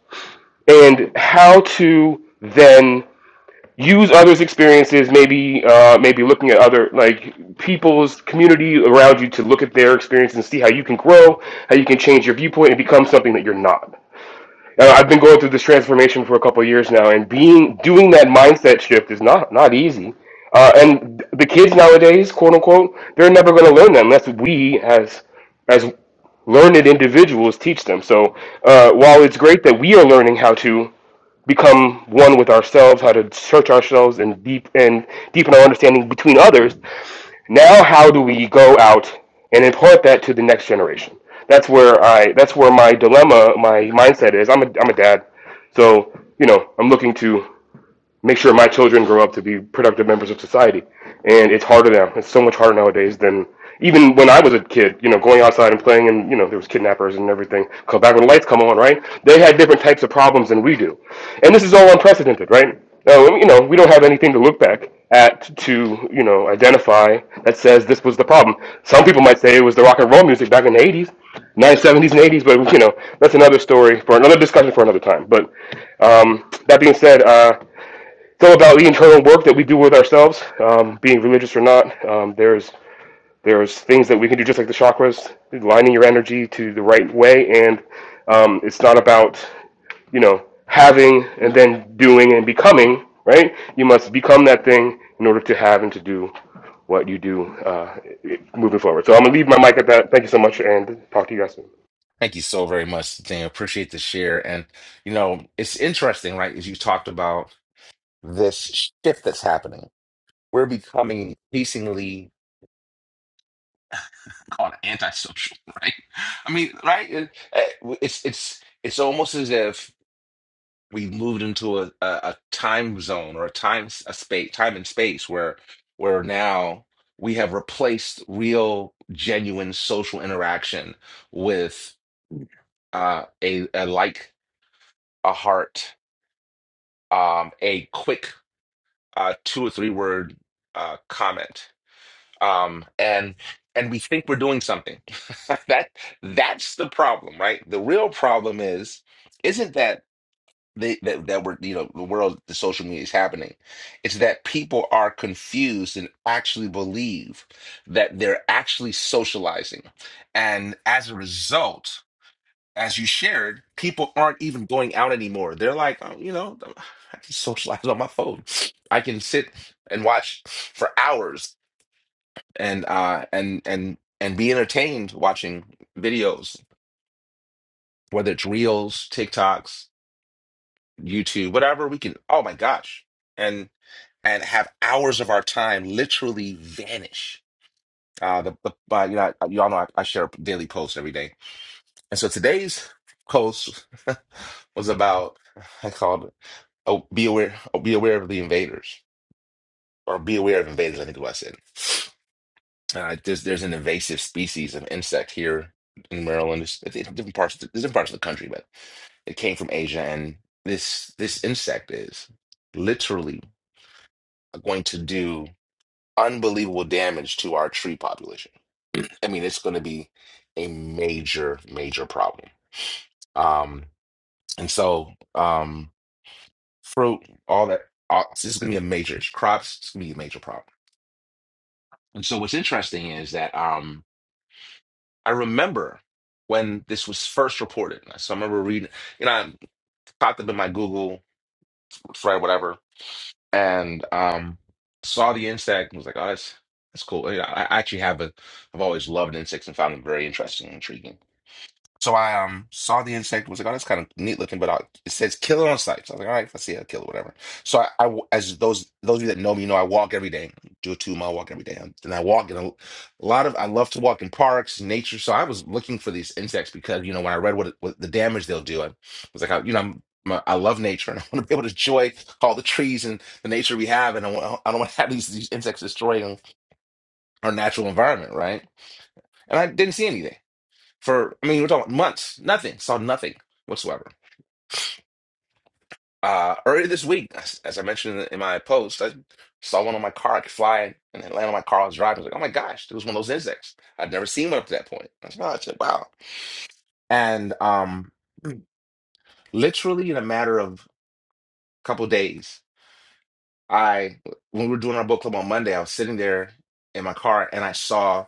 [SPEAKER 3] and how to then use others' experiences, maybe uh, maybe looking at other like people's community around you to look at their experience and see how you can grow, how you can change your viewpoint and become something that you're not uh, I've been going through this transformation for a couple of years now, and being doing that mindset shift is not not easy. Uh, and the kids nowadays, quote unquote, they're never going to learn that unless we, as as learned individuals, teach them. So uh, while it's great that we are learning how to become one with ourselves, how to search ourselves and deep and deepen our understanding between others. Now, how do we go out and impart that to the next generation? That's where I. That's where my dilemma, my mindset is. I'm a. I'm a dad, so you know, I'm looking to make sure my children grow up to be productive members of society. And it's harder now. It's so much harder nowadays than even when I was a kid, you know, going outside and playing and, you know, there was kidnappers and everything. Come back when the lights come on, right? They had different types of problems than we do. And this is all unprecedented, right? No, you know, we don't have anything to look back at to, you know, identify that says this was the problem. Some people might say it was the rock and roll music back in the 80s, 1970s and 80s, but, you know, that's another story for another discussion for another time. But um, that being said, uh, go about the internal work that we do with ourselves, um, being religious or not. Um, there's there's things that we can do just like the chakras, lining your energy to the right way, and um, it's not about you know having and then doing and becoming. Right? You must become that thing in order to have and to do what you do uh, moving forward. So I'm gonna leave my mic at that. Thank you so much, and talk to you guys soon.
[SPEAKER 1] Thank you so very much, Thing. Appreciate the share. And, you know, it's interesting, right? As you talked about this shift that's happening, we're becoming increasingly called antisocial, right? I mean, right? It- eh, It's, it's, it's almost as if we moved into a, a, a time zone or a time, s- a space, time and space where, where now we have replaced real, genuine social interaction with uh, a, a like, a heart um, a quick uh, two or three word uh, comment, um, and and we think we're doing something. that that's the problem, right? The real problem is isn't that they, that that we're you know the world the social media is happening. It's that people are confused and actually believe that they're actually socializing, and as a result as you shared, people aren't even going out anymore. They're like, oh, you know, I can socialize on my phone. I can sit and watch for hours and uh and and and be entertained watching videos, whether it's reels, TikToks, YouTube, whatever. We can, oh my gosh, and and have hours of our time literally vanish. Uh, the, the uh, you know, y'all know I, I share a daily post every day, and so today's post was about I called. Oh, be aware. Oh, be aware of the invaders, or be aware of invaders. I think is what I said. Uh, there's there's an invasive species of insect here in Maryland. It's, it's in different parts. Of the, different parts of the country, but it came from Asia, and this this insect is literally going to do unbelievable damage to our tree population. I mean, it's going to be a major major problem. Um, and so um, fruit, all that. all- This is going to be a major crops. It's going to be a major problem. And so what's interesting is that um, I remember when this was first reported. So I remember reading, you know, I popped up in my Google thread, whatever, and um, saw the insect and was like, oh, that's that's cool. You know, I I actually have a, I've always loved insects and found them very interesting and intriguing. So I um saw the insect, was like, oh, that's kind of neat looking, but I, it says "kill it on site. So I was like, all right, let's see how to kill it, whatever. So I, I, as those those of you that know me, you know I walk every day, do a two mile walk every day, and I walk in a lot of. I love to walk in parks, nature. So I was looking for these insects because you know when I read what, it, what the damage they'll do, I was like, I, you know, I'm, my, I love nature and I want to be able to enjoy all the trees and the nature we have, and I, want, I don't want to have these these insects destroying our natural environment, right? And I didn't see anything for I mean, we're talking months, nothing, saw nothing whatsoever. Uh, earlier this week, as, as I mentioned in my post, I saw one on my car. I could fly and it landed on my car. I was driving. I was like, oh my gosh, it was one of those insects. I'd never seen one up to that point. I was like, oh, I said, wow. And um, literally in a matter of a couple days, I when we were doing our book club on Monday, I was sitting there in my car and I saw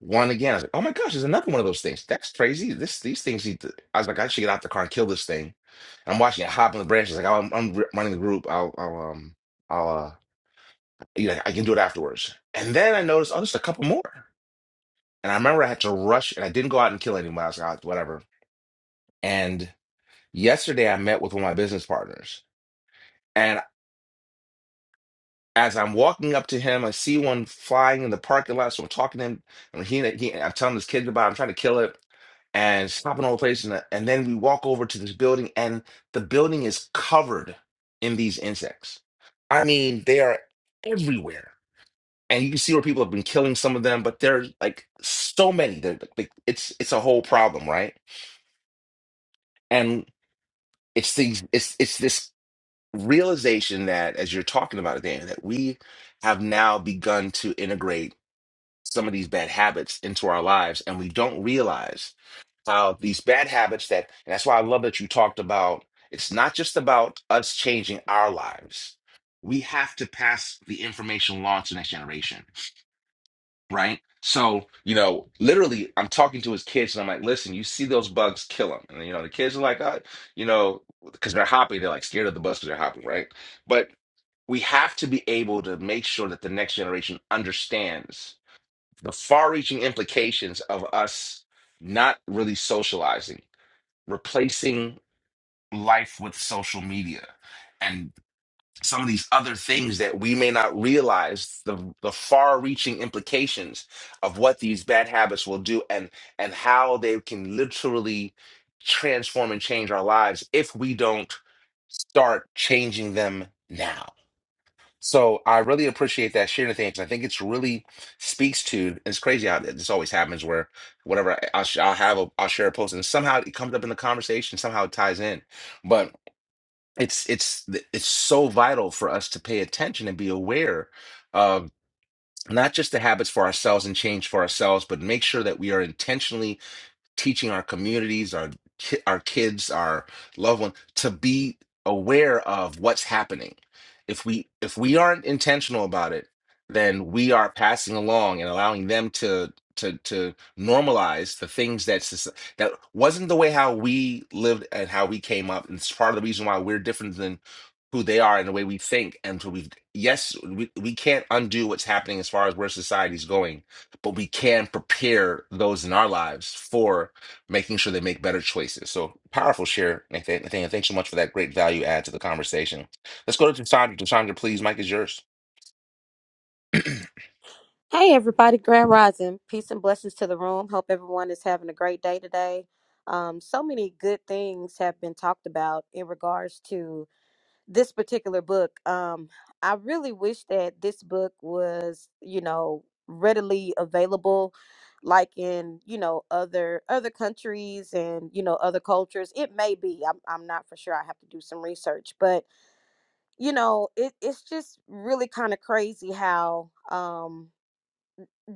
[SPEAKER 1] one again. I was like, "Oh my gosh, there's another one of those things. That's crazy. This these things need to." I was like, "I should get out the car and kill this thing." And I'm watching it hop on the branches. Like "Oh, I'm, I'm re- running the group. I'll, I'll um, I'll uh, you know, I can do it afterwards. And then I noticed, oh, there's a couple more. And I remember I had to rush, and I didn't go out and kill anyone. I was like, "Ah, whatever. And yesterday, I met with one of my business partners. as I'm walking up to him, I see one flying in the parking lot. So I'm talking to him, and he, he I'm telling this kid about. it, I'm trying to kill it and stopping all the place. And, and then we walk over to this building, and the building is covered in these insects. I mean, they are everywhere, and you can see where people have been killing some of them, but they're like so many. They're like like, it's it's a whole problem, right? And it's these it's it's this realization that as you're talking about it, Dan, that we have now begun to integrate some of these bad habits into our lives and we don't realize how these bad habits that and that's why I love that you talked about it's not just about us changing our lives. We have to pass the information along to the next generation, right? So, you know, literally I'm talking to his kids and I'm like, listen, you see those bugs, kill them. And you know, the kids are like, uh, you know, because they're hopping, they're like scared of the bugs because they're hopping, right? But we have to be able to make sure that the next generation understands the far-reaching implications of us not really socializing, replacing life with social media and some of these other things that we may not realize the the far-reaching implications of what these bad habits will do and and how they can literally transform and change our lives if we don't start changing them now. So I really appreciate that sharing thing because I think it's really speaks to. It's crazy how this always happens where whatever I- I'll, sh- I'll have a, I'll share a post and somehow it comes up in the conversation, somehow it ties in. But it's it's th- it's so vital for us to pay attention and be aware of not just the habits for ourselves and change for ourselves, but make sure that we are intentionally teaching our communities, our ki- our kids, our loved ones to be aware of what's happening. If we if we aren't intentional about it, then we are passing along and allowing them to to to normalize the things that soc- that wasn't the way how we lived and how we came up. And it's part of the reason why we're different than who they are and the way we think. And so we yes, we we can't undo what's happening as far as where society's going but we can prepare those in our lives for making sure they make better choices. So powerful share, Nathan. Nathan, thanks so much for that great value add to the conversation. Let's go to Chandra. Chandra, please, Mike is yours.
[SPEAKER 12] Hey everybody, Grand Rising. Peace and blessings to the room. Hope everyone is having a great day today. Um, so many good things have been talked about in regards to this particular book. Um, I really wish that this book was, you know, readily available like in, you know, other other countries and, you know, other cultures. It may be. I'm I'm not for sure. I have to do some research, but you know, it, it's just really kind of crazy how um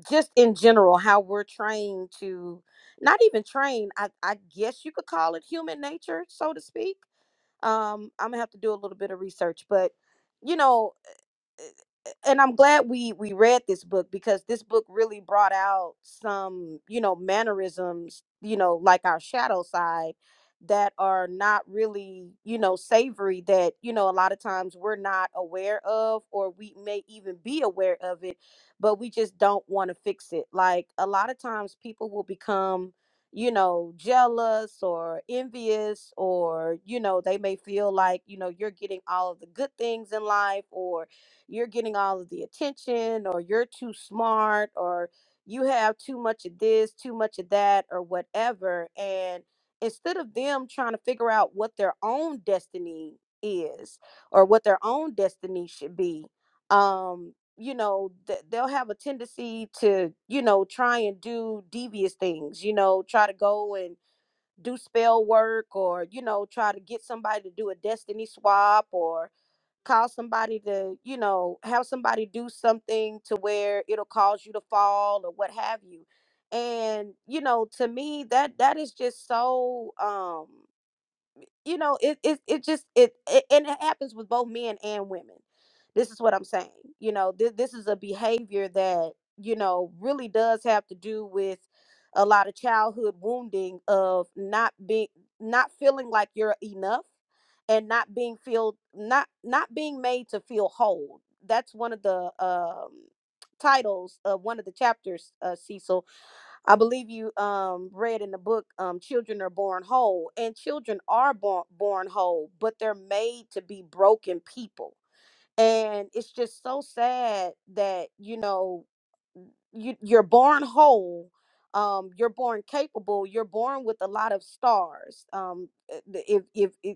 [SPEAKER 12] just in general how we're trained to not even train I, I guess you could call it human nature so to speak um i'm gonna have to do a little bit of research but you know and I'm glad we we read this book because this book really brought out some, you know, mannerisms, you know, like our shadow side that are not really, you know, savory that, you know, a lot of times we're not aware of or we may even be aware of it, but we just don't want to fix it. Like a lot of times people will become you know, jealous or envious, or, you know, they may feel like, you know, you're getting all of the good things in life, or you're getting all of the attention or you're too smart or you have too much of this, too much of that or whatever and instead of them trying to figure out what their own destiny is or what their own destiny should be um you know th- they'll have a tendency to you know try and do devious things you know try to go and do spell work or you know try to get somebody to do a destiny swap or call somebody to, you know, have somebody do something to where it'll cause you to fall or what have you. And, you know, to me that that is just so um you know it it, it just it, it and it happens with both men and women this is what i'm saying you know th- this is a behavior that you know really does have to do with a lot of childhood wounding of not being not feeling like you're enough and not being feel not not being made to feel whole that's one of the um titles of one of the chapters uh, cecil I believe you um, read in the book, um, children are born whole, and children are born born whole, but they're made to be broken people, and it's just so sad that you know you, you're born whole, um, you're born capable, you're born with a lot of stars. Um, uh, the- if if, if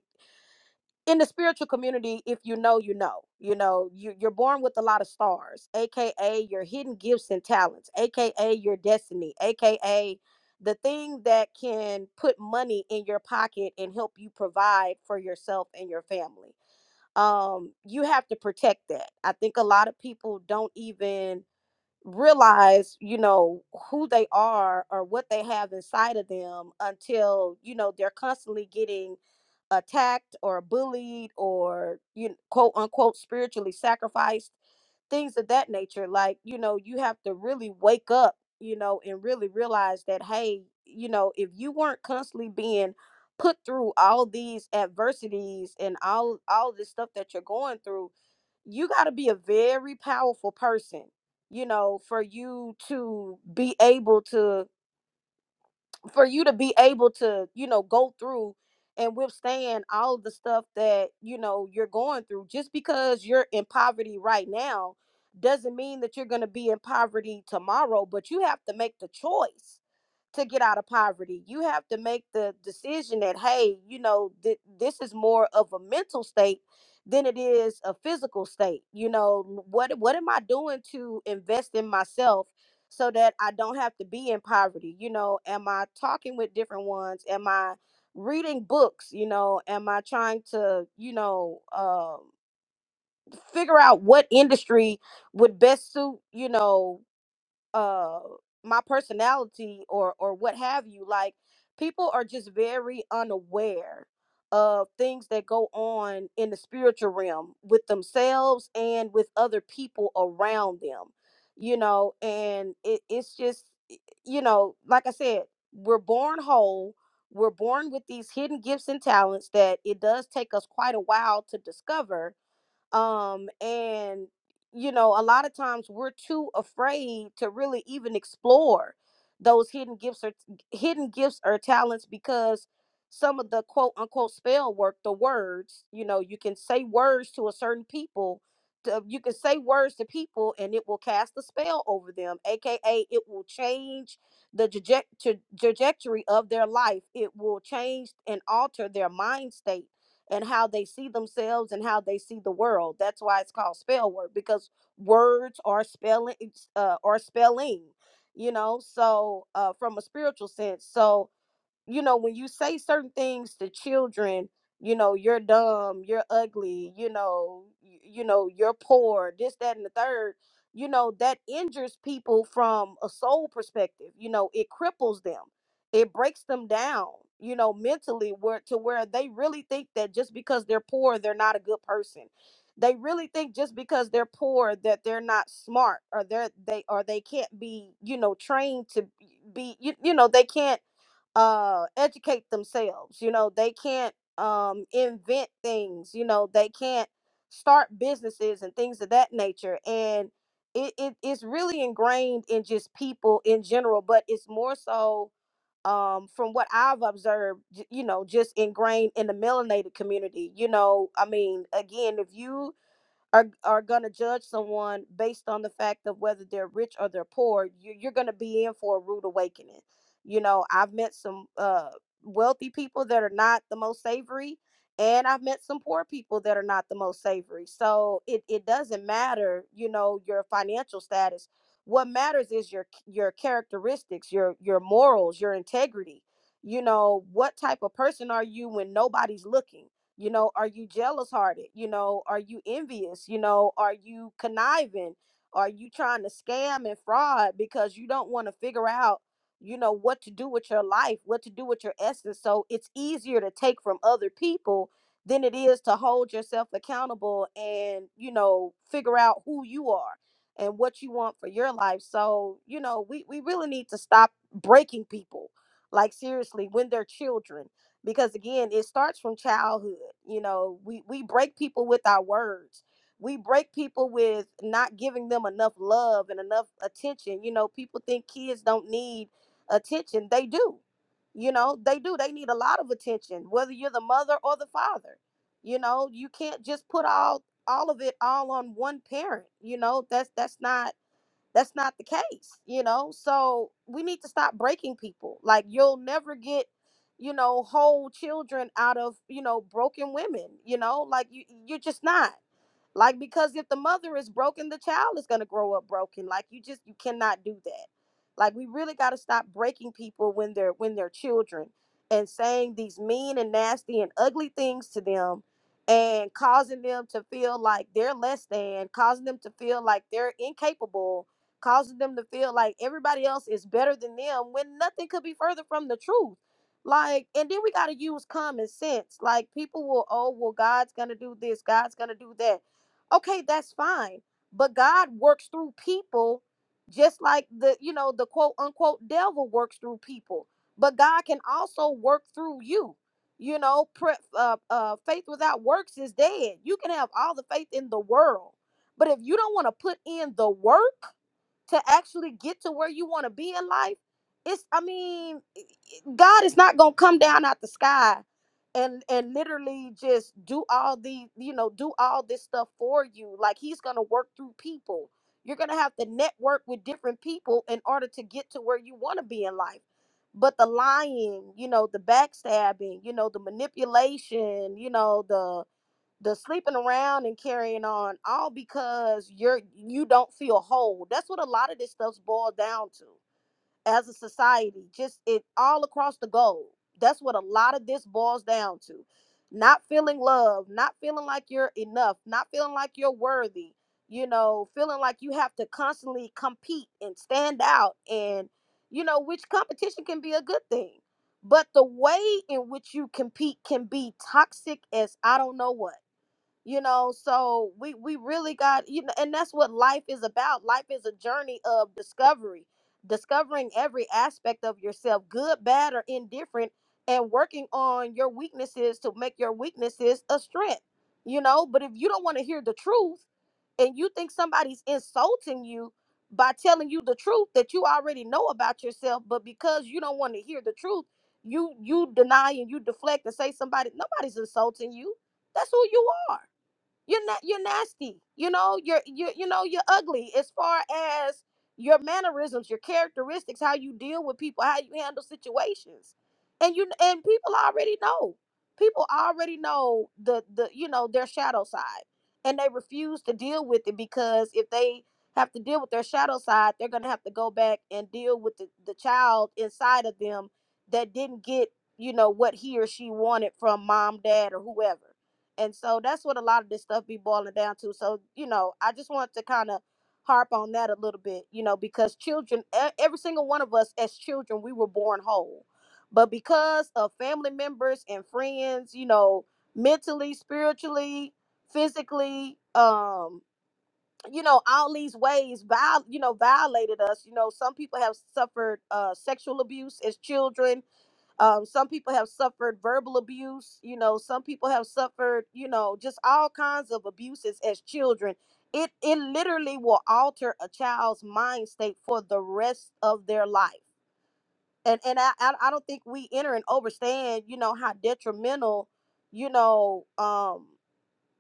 [SPEAKER 12] in the spiritual community if you know you know you know you, you're born with a lot of stars aka your hidden gifts and talents aka your destiny aka the thing that can put money in your pocket and help you provide for yourself and your family um you have to protect that i think a lot of people don't even realize you know who they are or what they have inside of them until you know they're constantly getting attacked or bullied or you know, quote unquote spiritually sacrificed things of that nature like you know you have to really wake up you know and really realize that hey you know if you weren't constantly being put through all these adversities and all all this stuff that you're going through you got to be a very powerful person you know for you to be able to for you to be able to you know go through and withstand all of the stuff that you know you're going through just because you're in poverty right now doesn't mean that you're going to be in poverty tomorrow but you have to make the choice to get out of poverty. You have to make the decision that, hey, you know, th- this is more of a mental state than it is a physical state. You know, what what am I doing to invest in myself so that I don't have to be in poverty? You know, am I talking with different ones? Am I reading books? You know, am I trying to, you know, um figure out what industry would best suit, you know, uh my personality or or what have you like people are just very unaware of things that go on in the spiritual realm with themselves and with other people around them you know and it, it's just y- you know like i said we're born whole we're born with these hidden gifts and talents that it does take us quite a while to discover um and you know a lot of times we're too afraid to really even explore those hidden gifts or hidden gifts or talents because some of the quote unquote spell work the words you know you can say words to a certain people to, you can say words to people and it will cast a spell over them aka it will change the traje- tra- trajectory of their life it will change and alter their mind state and how they see themselves and how they see the world. That's why it's called spell work because words are spelling uh, are spelling, you know. So uh, from a spiritual sense, so you know, when you say certain things to children, you know, you're dumb, you're ugly, you know, you, you know, you're poor, this, that, and the third, you know, that injures people from a soul perspective. You know, it cripples them, it breaks them down, you know, mentally where to where they really think that just because they're poor, they're not a good person. They really think just because they're poor that they're not smart or they're they or they can't be, you know, trained to be you, you know, they can't uh educate themselves you know they can't um invent things you know they can't start businesses and things of that nature and it, it it's really ingrained in just people in general but it's more so um from what i've observed j- you know just ingrained in the melanated community you know i mean again if you are are going to judge someone based on the fact of whether they're rich or they're poor you, you're going to be in for a rude awakening you know i've met some uh wealthy people that are not the most savory and i've met some poor people that are not the most savory so it, it doesn't matter you know your financial status what matters is your your characteristics your your morals your integrity you know what type of person are you when nobody's looking you know are you jealous hearted you know are you envious you know are you conniving are you trying to scam and fraud because you don't want to figure out you know what to do with your life what to do with your essence so it's easier to take from other people than it is to hold yourself accountable and you know figure out who you are and what you want for your life so you know we we really need to stop breaking people like seriously when they're children because again it starts from childhood you know we we break people with our words we break people with not giving them enough love and enough attention you know people think kids don't need attention they do you know they do they need a lot of attention whether you're the mother or the father you know you can't just put all all of it all on one parent you know that's that's not that's not the case you know so we need to stop breaking people like you'll never get you know whole children out of you know broken women you know like you you're just not like because if the mother is broken, the child is gonna grow up broken. Like you just you cannot do that. Like we really gotta stop breaking people when they're when they're children and saying these mean and nasty and ugly things to them and causing them to feel like they're less than, causing them to feel like they're incapable, causing them to feel like everybody else is better than them when nothing could be further from the truth. Like, and then we gotta use common sense. Like people will, oh well, God's gonna do this, God's gonna do that okay that's fine but god works through people just like the you know the quote unquote devil works through people but god can also work through you you know pre- uh, uh, faith without works is dead you can have all the faith in the world but if you don't want to put in the work to actually get to where you want to be in life it's i mean God is not gonna come down out the sky and and literally just do all the you know do all this stuff for you. Like He's gonna work through people. You're gonna have to network with different people in order to get to where you want to be in life. But the lying, you know, the backstabbing, you know, the manipulation, you know, the the sleeping around and carrying on, all because you're you don't feel whole. That's what a lot of this stuff's boiled down to as a society, just it all across the globe. That's what a lot of this boils down to. Not feeling love, not feeling like you're enough, not feeling like you're worthy, you know, feeling like you have to constantly compete and stand out and you know, which competition can be a good thing. But the way in which you compete can be toxic as I don't know what you know so we we really got you know and that's what life is about life is a journey of discovery discovering every aspect of yourself good bad or indifferent and working on your weaknesses to make your weaknesses a strength you know but if you don't want to hear the truth and you think somebody's insulting you by telling you the truth that you already know about yourself but because you don't want to hear the truth you you deny and you deflect and say somebody nobody's insulting you that's who you are you're not you're nasty you know you're you you know you're ugly as far as your mannerisms your characteristics how you deal with people how you handle situations and you and people already know people already know the the you know their shadow side and they refuse to deal with it because if they have to deal with their shadow side they're going to have to go back and deal with the, the child inside of them that didn't get you know what he or she wanted from mom dad or whoever and so that's what a lot of this stuff be boiling down to. So, you know, I just want to kind of harp on that a little bit, you know, because children, e- every single one of us as children, we were born whole. But because of family members and friends, you know, mentally, spiritually, physically, um, you know, all these ways, viol- you know, violated us. You know, some people have suffered uh, sexual abuse as children um, some people have suffered verbal abuse. You know, some people have suffered, you know, just all kinds of abuses as children. It it literally will alter a child's mind state for the rest of their life. And and I I I don't think we enter and understand, you know, how detrimental, you know, um,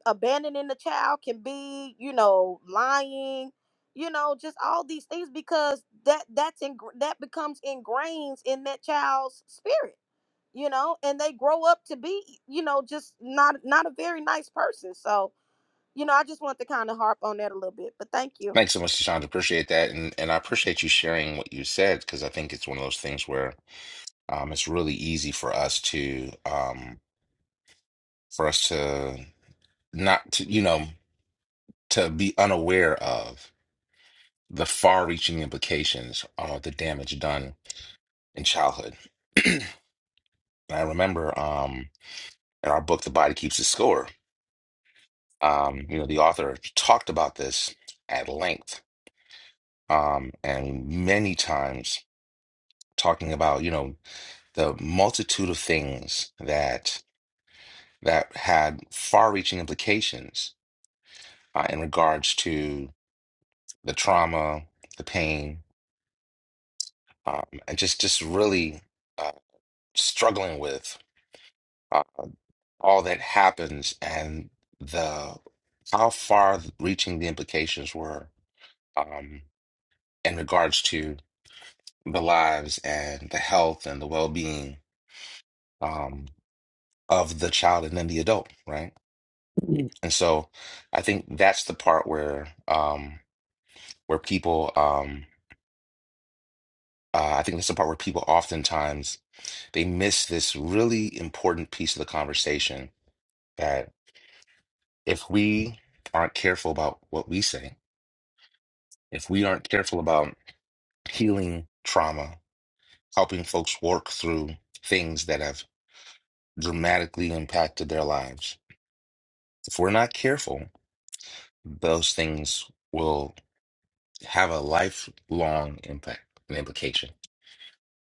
[SPEAKER 12] abandoning the child can be. You know, lying. You know, just all these things because that that's in that becomes ingrained in that child's spirit you know and they grow up to be you know just not not a very nice person so you know i just want to kind of harp on that a little bit but thank you
[SPEAKER 1] Thanks so much, Chandra. Appreciate that, and and I appreciate you sharing what you said because I think it's one of those things where um, it's really easy for us to um, for us to not to you know to be unaware of the far-reaching implications of the damage done in childhood. And I remember um, in our book, The Body Keeps the Score, um, you know, the author talked about this at length um, and many times talking about, you know, the multitude of things that that had far-reaching implications uh, in regards to the trauma, the pain, um, and just just really uh, struggling with uh, all that happens and the how far-reaching the implications were um, in regards to the lives and the health and the well-being um, of the child and then the adult, right? Mm. And so I think that's the part where um, where people um, uh, I think that's the part where people oftentimes they miss this really important piece of the conversation that if we aren't careful about what we say, if we aren't careful about healing trauma, helping folks work through things that have dramatically impacted their lives. If we're not careful, those things will have a lifelong impact and implication.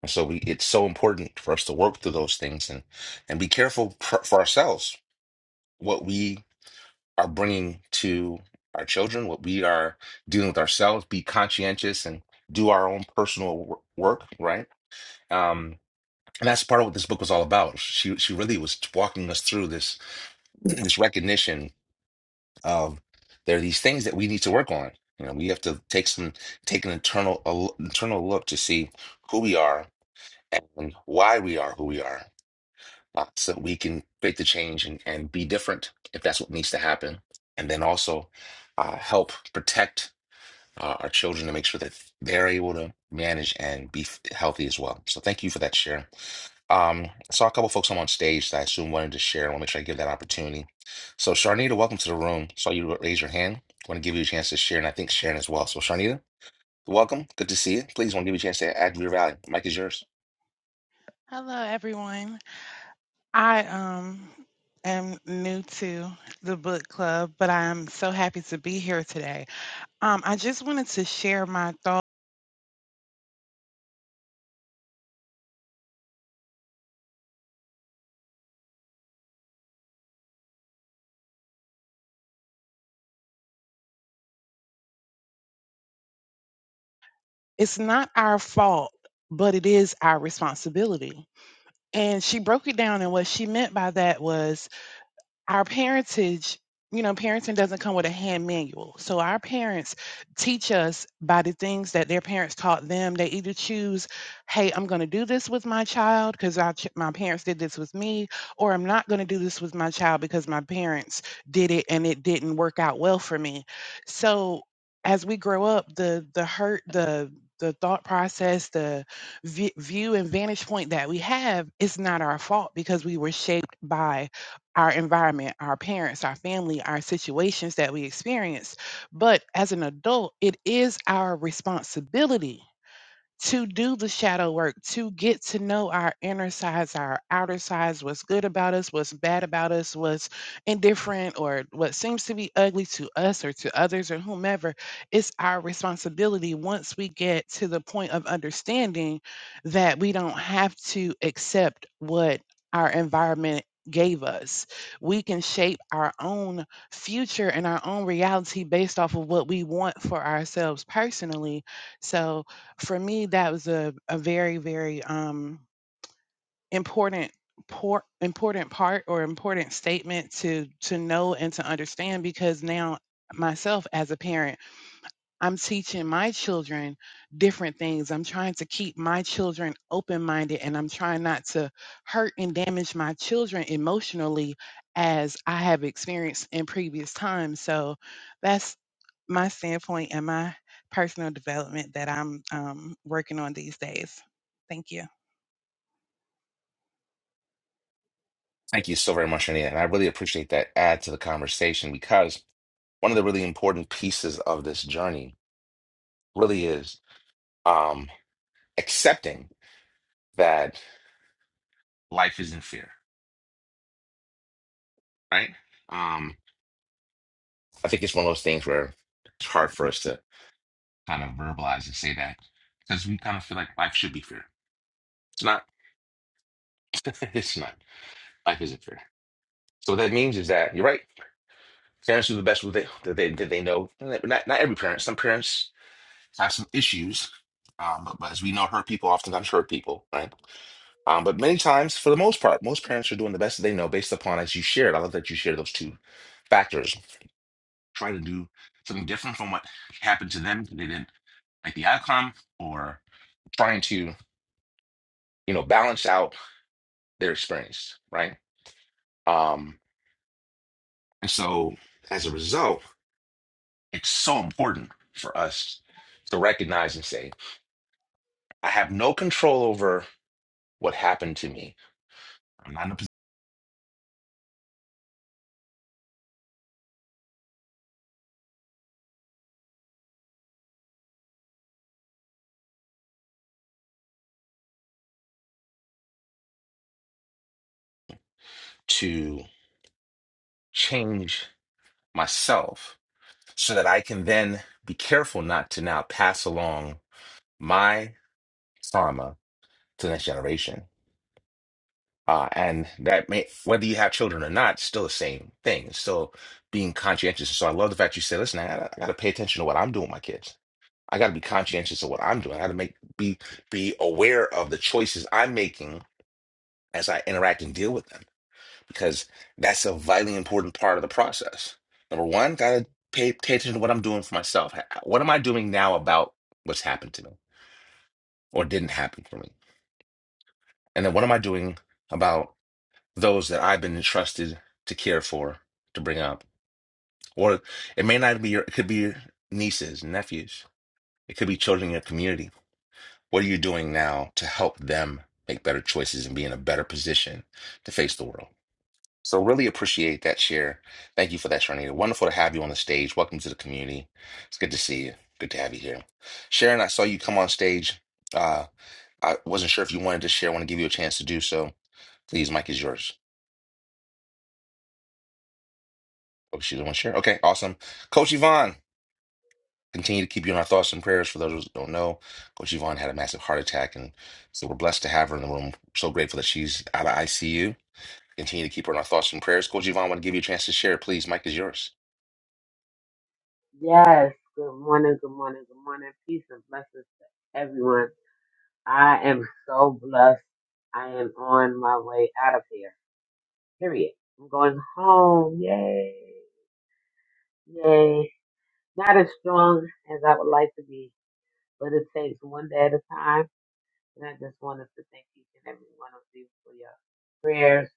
[SPEAKER 1] And so we, it's so important for us to work through those things and and be careful for, for ourselves what we are bringing to our children, what we are dealing with ourselves. Be conscientious and do our own personal wor- work, right? Um, and that's part of what this book was all about. She she really was walking us through this this recognition um, there are these things that we need to work on. You know, we have to take some take an internal a l- internal look to see who we are and why we are who we are, uh, so that we can make the change and, and be different if that's what needs to happen. And then also uh, help protect uh, our children to make sure that they're able to manage and be f- healthy as well. So thank you for that share. Um, I saw a couple folks come on stage that I assume wanted to share. I want to make sure I give that opportunity. So, Sharnita, welcome to the room. Saw you raise your hand. Want to give you a chance to share, and I think Sharon as well. So, Sharnita, welcome. Good to see you. Please want to give you a chance to add your value. Mike is yours.
[SPEAKER 13] Hello, everyone. I um am new to the book club, but I'm so happy to be here today. Um, I just wanted to share my thought. It's not our fault, but it is our responsibility. And she broke it down, and what she meant by that was our parentage, you know, parenting doesn't come with a hand manual. So our parents teach us by the things that their parents taught them. They either choose, "Hey, I'm going to do this with my child because ch- my parents did this with me," or "I'm not going to do this with my child because my parents did it and it didn't work out well for me." So as we grow up, the the hurt, the the thought process, the vi- view and vantage point that we have, it's not our fault because we were shaped by our environment, our parents, our family, our situations that we experience. But as an adult, it is our responsibility to do the shadow work, to get to know our inner sides, our outer sides, what's good about us, what's bad about us, what's indifferent or what seems to be ugly to us or to others or whomever. It's our responsibility once we get to the point of understanding that we don't have to accept what our environment gave us. We can shape our own future and our own reality based off of what we want for ourselves personally. So, for me that was a, a very very um important por- important part or important statement to to know and to understand because now myself as a parent i'm teaching my children different things i'm trying to keep my children open minded and i'm trying not to hurt and damage my children emotionally as i have experienced in previous times so that's my standpoint and my personal development that I'm um, working on these days. Thank you.
[SPEAKER 1] Thank you so very much, Sharnita. And I really appreciate that add to the conversation because one of the really important pieces of this journey really is um, accepting that life isn't fair, right? Um, I think it's one of those things where it's hard for us to kind of verbalize and say that because we kind of feel like life should be fair. It's not. it's not. Life isn't fair. So what that means is that you're right. Parents do the best with they that they that they know. Not not every parent. Some parents have some issues. Um, but, but as we know, hurt people oftentimes hurt people, right? Um, but many times, for the most part, most parents are doing the best that they know based upon as you shared. I love that you shared those two factors. Try to do something different from what happened to them. They didn't like the outcome, or trying to you know balance out they're experienced, right? Um, and so as a result, it's so important for us to recognize and say, I have no control over what happened to me. I'm not in a position to change myself so that I can then be careful not to now pass along my trauma to the next generation. Uh, and that may, whether you have children or not, it's still the same thing. It's still being conscientious. So I love the fact you said, listen, I gotta, I gotta pay attention to what I'm doing with my kids I got to be conscientious of what I'm doing. I got to make be be aware of the choices I'm making as I interact and deal with them because that's a vitally important part of the process. Number one, got to pay pay attention to what I'm doing for myself. Ha- What am I doing now about what's happened to me or didn't happen for me? And then what am I doing about those that I've been entrusted to care for, to bring up? Or it may not be your, it could be your nieces, nephews. It could be children in your community What are you doing now to help them make better choices and be in a better position to face the world? So really appreciate that share. Thank you for that, Sharnita. Wonderful to have you on the stage. Welcome to the community. It's good to see you. Good to have you here. Sharon, I saw you come on stage. Uh, I wasn't sure if you wanted to share. I want to give you a chance to do so. Please, mic is yours. Oh, she doesn't want to share. Okay, awesome. Coach Yvonne, continue to keep you in our thoughts and prayers. For those who don't know, Coach Yvonne had a massive heart attack, and so we're blessed to have her in the room. So grateful that she's out of ICU Continue to keep her in our thoughts and prayers. Coach Yvonne, I want to give you a chance to share. Please, Mike is yours.
[SPEAKER 14] Yes, good morning, good morning, good morning. Peace and blessings to everyone. I am so blessed. I am on my way out of here. Period. I'm going home. Yay. Yay. Not as strong as I would like to be, but it takes one day at a time. And I just wanted to thank each and every one of you for your prayers,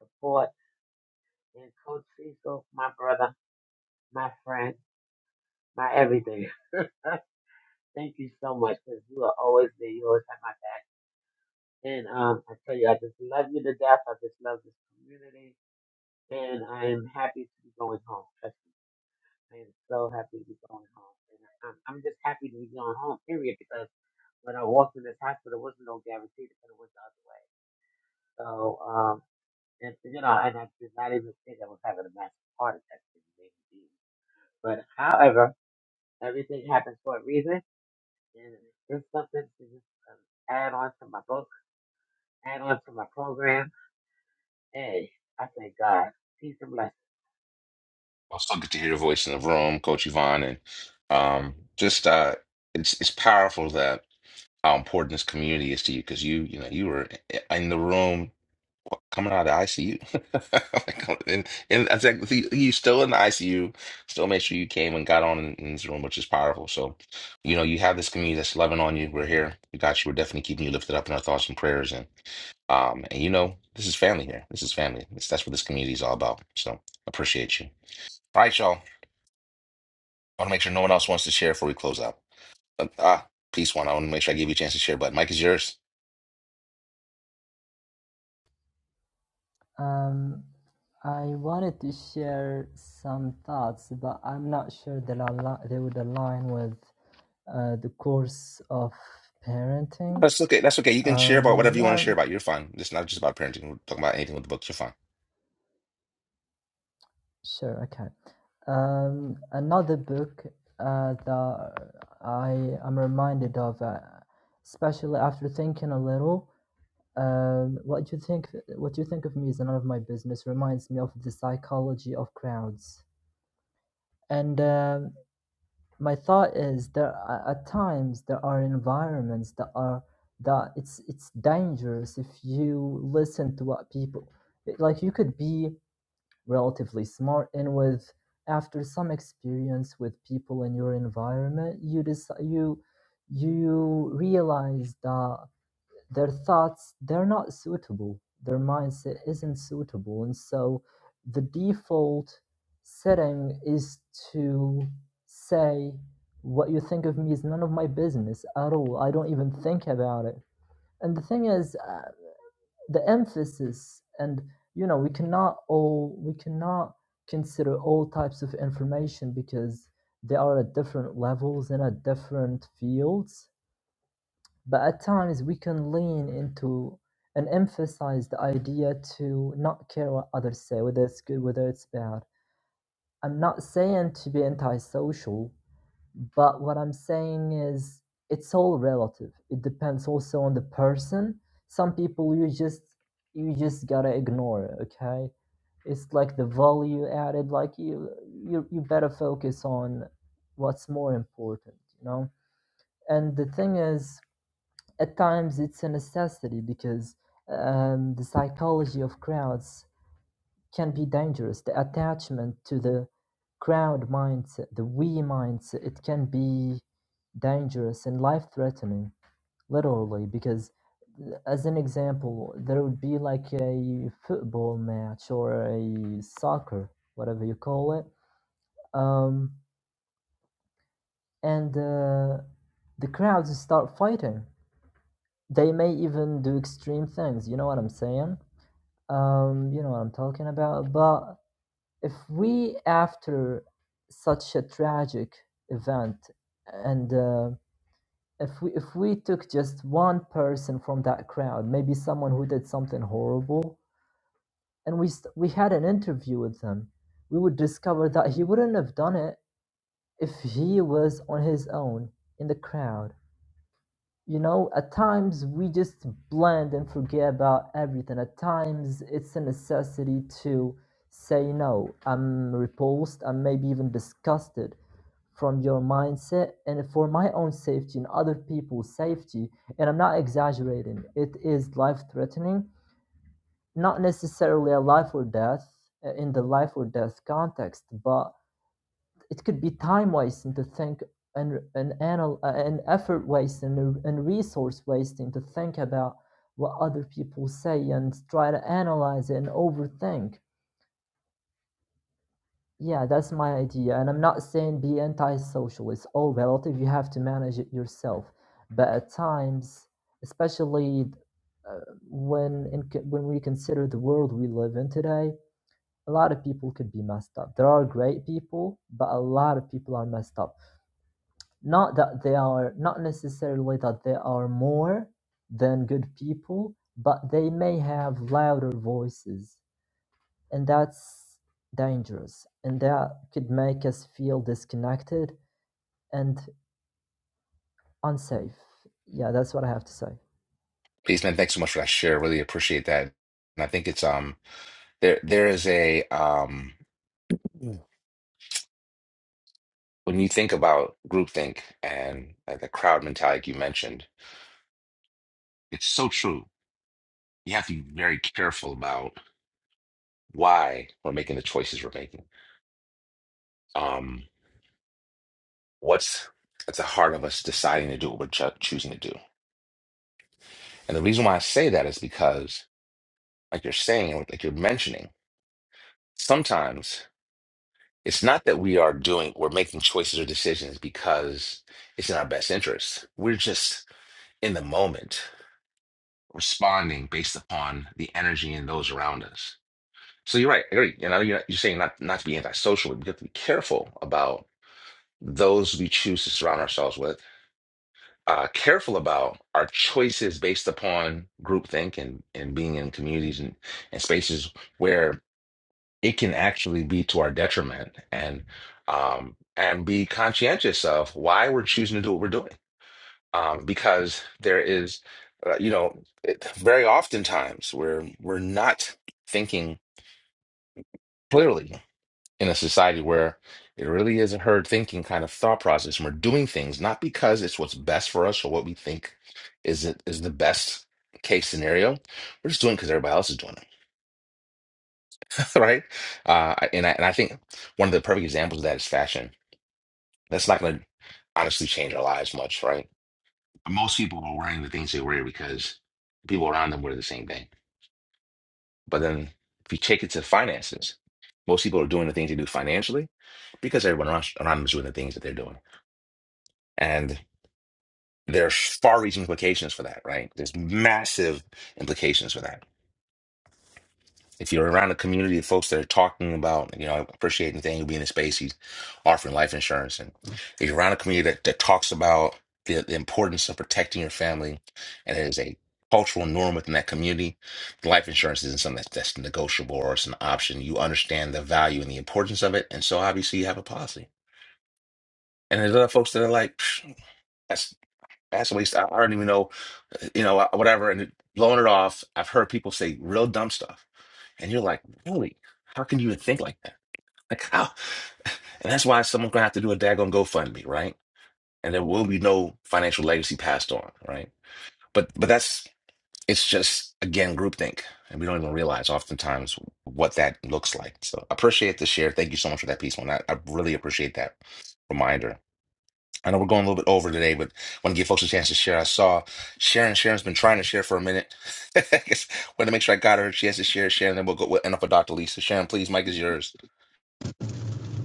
[SPEAKER 14] support, and Coach Cecil, my brother, my friend, my everything. Thank you so much because you will always be. You always have my And um, I tell you, I just love you to death. I just love this community. And I am happy to be going home. Trust me. I am so happy to be going home. And I'm, I'm just happy to be going home, period, because when I walked in this hospital, there wasn't no guarantee that it was the other way. So, um, and, you know, and I did not even think I was having a massive heart attack. It was amazing. But however, everything happens for a reason. And it's something to just um, add on to my book, add on to my program Hey, I thank God. He's and blessing.
[SPEAKER 1] I'll still get to hear your voice in the room, Coach Yvonne, and um, just uh, it's it's powerful that how important this community is to you because you you know you were in the room coming out of the ICU, and and I think you you still in the ICU, still made sure you came and got on in, in this room, which is powerful. So you know you have this community that's loving on you. We're here. We got you. We're definitely keeping you lifted up in our thoughts and prayers, and. Um, and you know, this is family here. This is family. This, that's what this community is all about. So appreciate you. All right, y'all. I want to make sure no one else wants to share before we close out. Uh, ah, peace one. I want to make sure I give you a chance to share, but Mike is yours.
[SPEAKER 8] Um, I wanted to share some thoughts, but I'm not sure that al- they would align with uh, the course of parenting.
[SPEAKER 1] That's okay. That's okay. You can share about
[SPEAKER 8] Um,
[SPEAKER 1] whatever you want to
[SPEAKER 8] yeah,
[SPEAKER 1] share about. You're fine. It's not just about parenting. We're talking about anything with the books. You're fine.
[SPEAKER 8] sure, okay. Um, another book uh, that I am reminded of, uh, especially after thinking a little, um, what you think, what you think of me is none of my business. Reminds me of the psychology of crowds, and um my thought is there a- at times there are environments that are that it's it's dangerous if you listen to what people it- like you could be relatively smart and with after some experience with people in your environment you decide you you realize that their thoughts, they're not suitable. Their mindset isn't suitable. And so the default setting is to say, what you think of me is none of my business at all. I don't even think about it. And the thing is, uh, the emphasis, and you know, we cannot all, we cannot consider all types of information because they are at different levels and at different fields but at times we can lean into and emphasize the idea to not care what others say, whether it's good, whether it's bad. I'm not saying to be antisocial, but what I'm saying is it's all relative. It depends also on the person. Some people you just you just gotta ignore, okay? It's like the value added, like you you you better focus on what's more important, you know? And the thing is at times, it's a necessity because um, the psychology of crowds can be dangerous. The attachment to the crowd mindset, the we mindset, it can be dangerous and life threatening, literally. Because, uh, as an example, there would be like a football match or a soccer, whatever you call it. Um, and uh, the crowds start fighting. They may even do extreme things. You know what I'm saying? um, you know what I'm talking about. But if we, after such a tragic event, and uh, if we if we took just one person from that crowd, maybe someone who did something horrible, and we st- we had an interview with them, we would discover that he wouldn't have done it if he was on his own in the crowd. You know, at times we just blend and forget about everything. At times it's a necessity to say no. I'm repulsed, I'm maybe even disgusted from your mindset and for my own safety and other people's safety. And I'm not exaggerating, it is life threatening, not necessarily a life or death uh, in the life or death context, but it could be time wasting to think and and anal uh, and effort wasting and, and resource wasting to think about what other people say and try to analyze it and overthink. Yeah, that's my idea. And I'm not saying be anti-social. It's all relative. You have to manage it yourself. But at times, especially uh, when in, when we consider the world we live in today, a lot of people could be messed up. There are great people, but a lot of people are messed up Not that they are, not necessarily that they are more than good people, but they may have louder voices, and that's dangerous, and that could make us feel disconnected and unsafe. Yeah, that's what I have to say.
[SPEAKER 1] Peace, man. Thanks so much for that share. Really appreciate that. And I think it's um there there is a um when you think about groupthink and uh, the crowd mentality you mentioned, it's so true. You have to be very careful about. why we're making the choices we're making. Um, what's at the heart of us deciding to do what we're cho- choosing to do. And the reason why I say that is because, like you're saying, or like you're mentioning, sometimes it's not that we are doing, we're making choices or decisions because it's in our best interest. We're just in the moment responding based upon the energy in those around us. So you're right. I agree. You know, you're, you're saying not, not to be antisocial, but we have to be careful about those we choose to surround ourselves with uh, careful about our choices based upon groupthink and, and being in communities and, and spaces where it can actually be to our detriment and um, and be conscientious of why we're choosing to do what we're doing um, because there is uh, you know it, very oftentimes we're we're not thinking clearly in a society where it really is a herd thinking kind of thought process and we're doing things not because it's what's best for us or what we think is it is the best case scenario we're just doing because everybody else is doing it right uh and I, and I think one of the perfect examples of that is fashion that's not going to honestly change our lives much right most people are wearing the things they wear because people around them wear the same thing but then if you take it to finances most people are doing the things they do financially because everyone around around them is doing the things that they're doing And there's far-reaching implications for that, right? There's massive implications for that. If you're around a community of folks that are talking about, you know, I appreciate Nathaniel being in space, he's offering life insurance. And if you're around a community that, that talks about the, the importance of protecting your family and it is a cultural norm within that community, life insurance isn't something that's, that's negotiable or it's an option. You understand the value and the importance of it. And so obviously you have a policy. And there's other folks that are like, "Psh, that's That's a waste. I, I don't even know, you know, uh, whatever. And blowing it off, I've heard people say real dumb stuff. And you're like, really? How can you even think like that? Like, how? And that's why someone's going to have to do a daggone GoFundMe, right? And there will be no financial legacy passed on, right? But, but that's, it's just, again, groupthink. And we don't even realize oftentimes what that looks like. So I appreciate the share. Thank you so much for that piece, man. I, I really appreciate that reminder. I know we're going a little bit over today, but want to give folks a chance to share. I saw Sharon. Sharon's been trying to share for a minute. I guess want to make sure I got her. She has to share. Sharon, then we'll go. We'll end up with Dr. Lisa. Sharon, please, Mike is yours.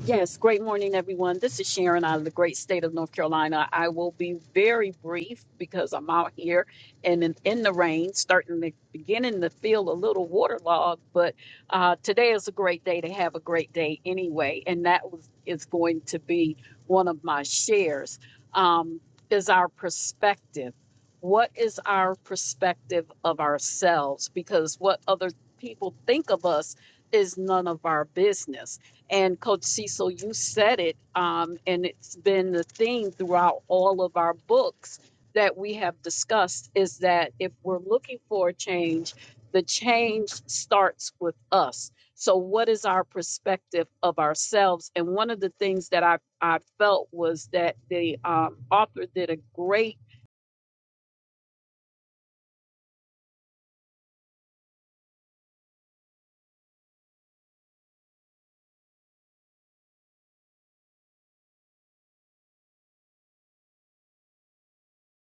[SPEAKER 6] Yes, great morning, everyone. This is Sharon out of the great state of North Carolina. I will be very brief because I'm out here and in, in the rain, starting to beginning to feel a little waterlogged. But uh, today is a great day to have a great day anyway, and that was, is going to be one of my shares. Um, is our perspective? What is our perspective of ourselves? Because what other people think of us is none of our business and Coach Cecil, you said it, um, and it's been the theme throughout all of our books that we have discussed is that if we're looking for a change, the change starts with us. So, what is our perspective of ourselves? And one of the things that I, I felt was that the um, author did a great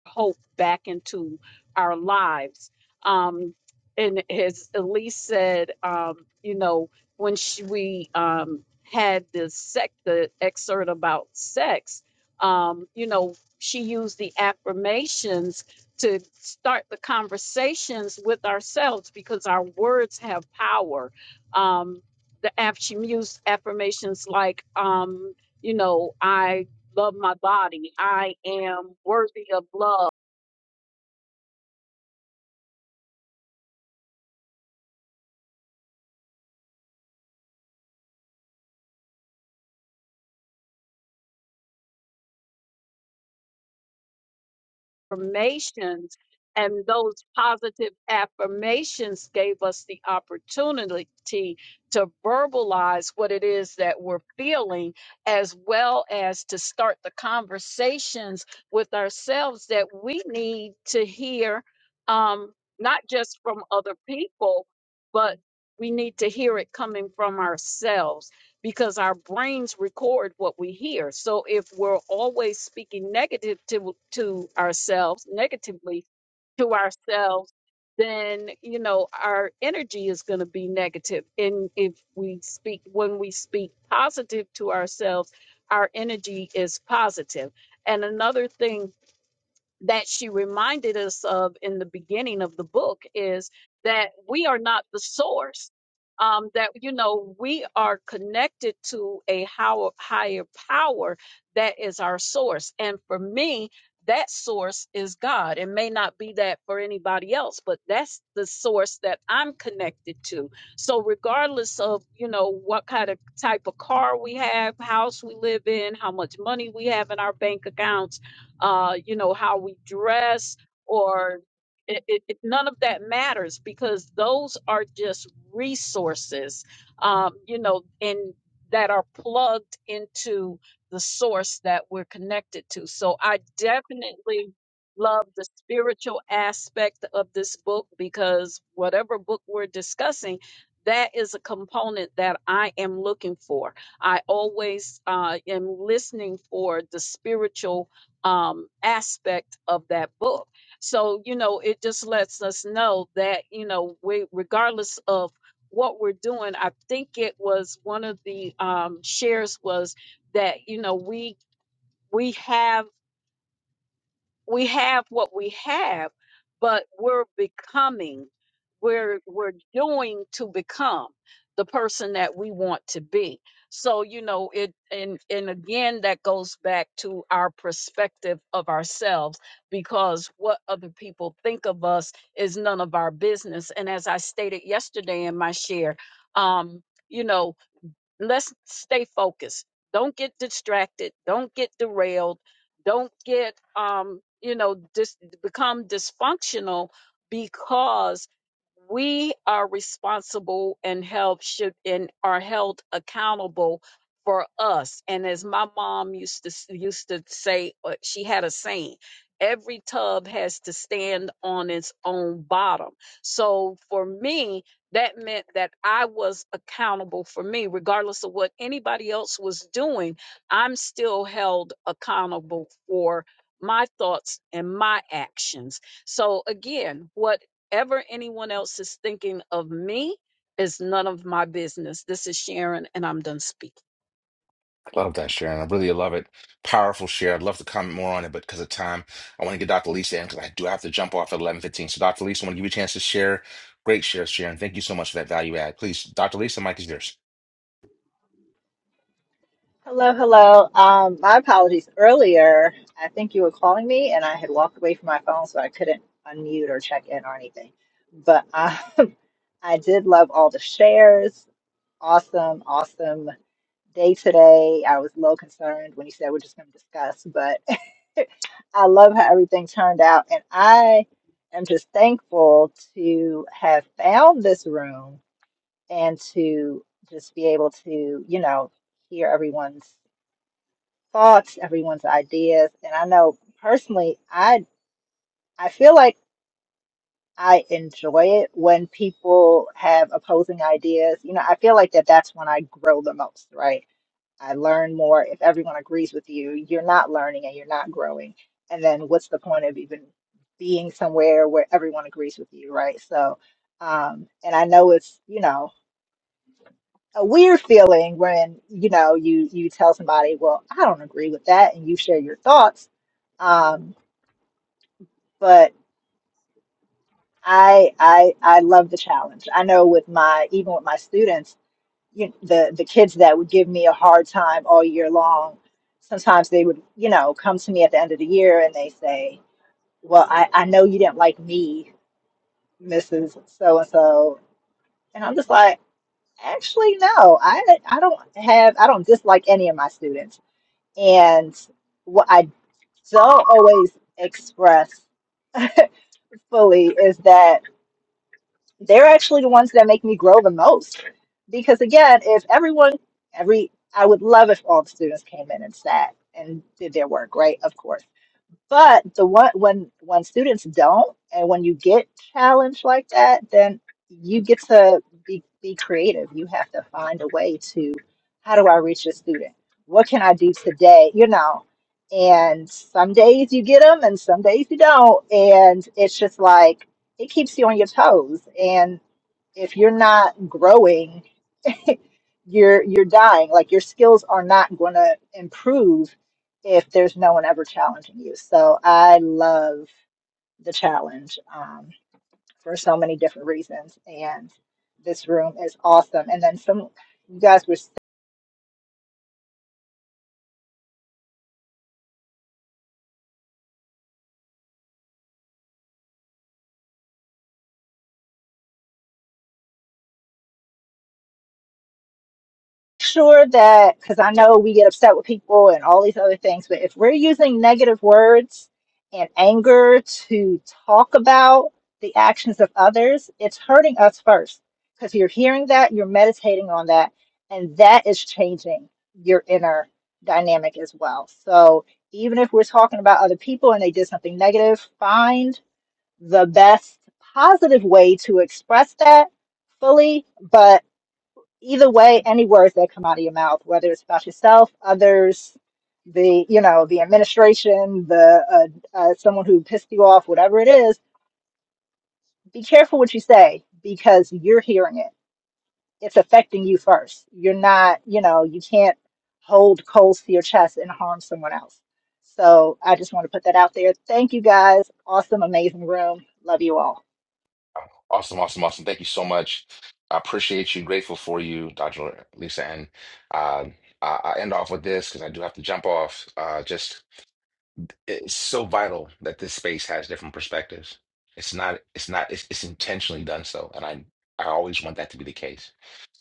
[SPEAKER 6] hope back into our lives. Um, and as Elise said, um, you know, when she, we um, had the sec, the excerpt about sex, um, you know, she used the affirmations to start the conversations with ourselves because our words have power. Um, the aff- she used affirmations like, um, you know, I love my body. I am worthy of love. Affirmations and those positive affirmations gave us the opportunity to verbalize what it is that we're feeling, as well as to start the conversations with ourselves that we need to hear, um, not just from other people, but we need to hear it coming from ourselves. because our brains record what we hear. So if we're always speaking negative to, to ourselves, negatively to ourselves, then you know our energy is going to be negative. And if we speak when we speak positive to ourselves, our energy is positive. And another thing that she reminded us of in the beginning of the book is that we are not the source. Um, that you know we are connected to a how, higher power that is our source, and for me, that source is God. It may not be that for anybody else, but that's the source that I'm connected to. So regardless of you know what kind of type of car we have, house we live in, how much money we have in our bank accounts uh, you know, how we dress, or it, it, it- none of that matters because those are just resources, um, you know, and that are plugged into the source that we're connected to. So I definitely love the spiritual aspect of this book because whatever book we're discussing, that is a component that I am looking for. I always uh, am listening for the spiritual um, aspect of that book. So, you know, it just lets us know that, you know, we, regardless of what we're doing, I think it was one of the um, shares was that, you know, we, we have we have what we have, but we're becoming, we're we're doing to become the person that we want to be. So you know it, and and again that goes back to our perspective of ourselves because what other people think of us is none of our business. And as I stated yesterday in my share, um, you know let's stay focused. Don't get distracted. Don't get derailed. Don't get um, you know, dis- become dysfunctional because we are responsible and help should and are held accountable for us. And as my mom used to s- used to say, uh, she had a saying. Every tub has to stand on its own bottom. So for me, that meant that I was accountable for me, regardless of what anybody else was doing. I'm still held accountable for my thoughts and my actions. So, again, whatever anyone else is thinking of me is none of my business. This is Sharon, and I'm done speaking.
[SPEAKER 1] Love that, Sharon. I really love it. Powerful share. I'd love to comment more on it, but because of time, I want to get Dr. Lisa in because I do have to jump off at eleven fifteen. So, Dr. Lisa, I want to give you a chance to share. Great share, Sharon. Thank you so much for that value add. Please, Dr. Lisa, Mike is yours.
[SPEAKER 10] Hello, hello. Um, my apologies. Earlier, I think you were calling me, and I had walked away from my phone, so I couldn't unmute or check in or anything. But um, I did love all the shares. Awesome, awesome day today. I was a little concerned when you said we're just going to discuss, but I love how everything turned out. And I am just thankful to have found this room and to just be able to, you know, hear everyone's thoughts, everyone's ideas. And I know personally, I I feel like I enjoy it when people have opposing ideas. You know, I feel like that that's when I grow the most, right? I learn more if everyone agrees with you. You're not learning and you're not growing. And then what's the point of even being somewhere where everyone agrees with you, right? So, um, and I know it's, you know, a weird feeling when, you know, you you tell somebody, well, I don't agree with that, and you share your thoughts. Um, but I I I love the challenge. I know with my even with my students you the the kids that would give me a hard time all year long sometimes they would you know come to me at the end of the year and they say well i, I know you didn't like me mrs so and so and i'm just like actually no i i don't have i don't dislike any of my students and what i don't always express fully is that they're actually the ones that make me grow the most. Because again, if everyone, every, I would love if all the students came in and sat and did their work, right? Of course. But the one when when students don't, and when you get challenged like that, then you get to be be creative. You have to find a way to, how do I reach a student? What can I do today? You know. And some days you get them, and some days you don't. And it's just like it keeps you on your toes. And if you're not growing you're you're dying like your skills are not going to improve if there's no one ever challenging you so i love the challenge um, for so many different reasons and this room is awesome and then some you guys were sure that because I know we get upset with people and all these other things, but if we're using negative words and anger to talk about the actions of others, it's hurting us first because you're hearing that, you're meditating on that, and that is changing your inner dynamic as well. So even if we're talking about other people and they did something negative, find the best positive way to express that fully, but either way, any words that come out of your mouth, whether it's about yourself, others, the you know the administration, the uh, uh, someone who pissed you off, whatever it is, be careful what you say because you're hearing it. It's affecting you first. You're not, you know, you can't hold coals to your chest and harm someone else. So I just want to put that out there. Thank you guys. Awesome, amazing room. Love you all.
[SPEAKER 1] Awesome, awesome, awesome. Thank you so much. I appreciate you. Grateful for you, Dr. Lisa. And uh, I, I end off with this because I do have to jump off. Uh, just it's so vital that this space has different perspectives. It's not. It's not. It's, it's intentionally done so, and I I always want that to be the case.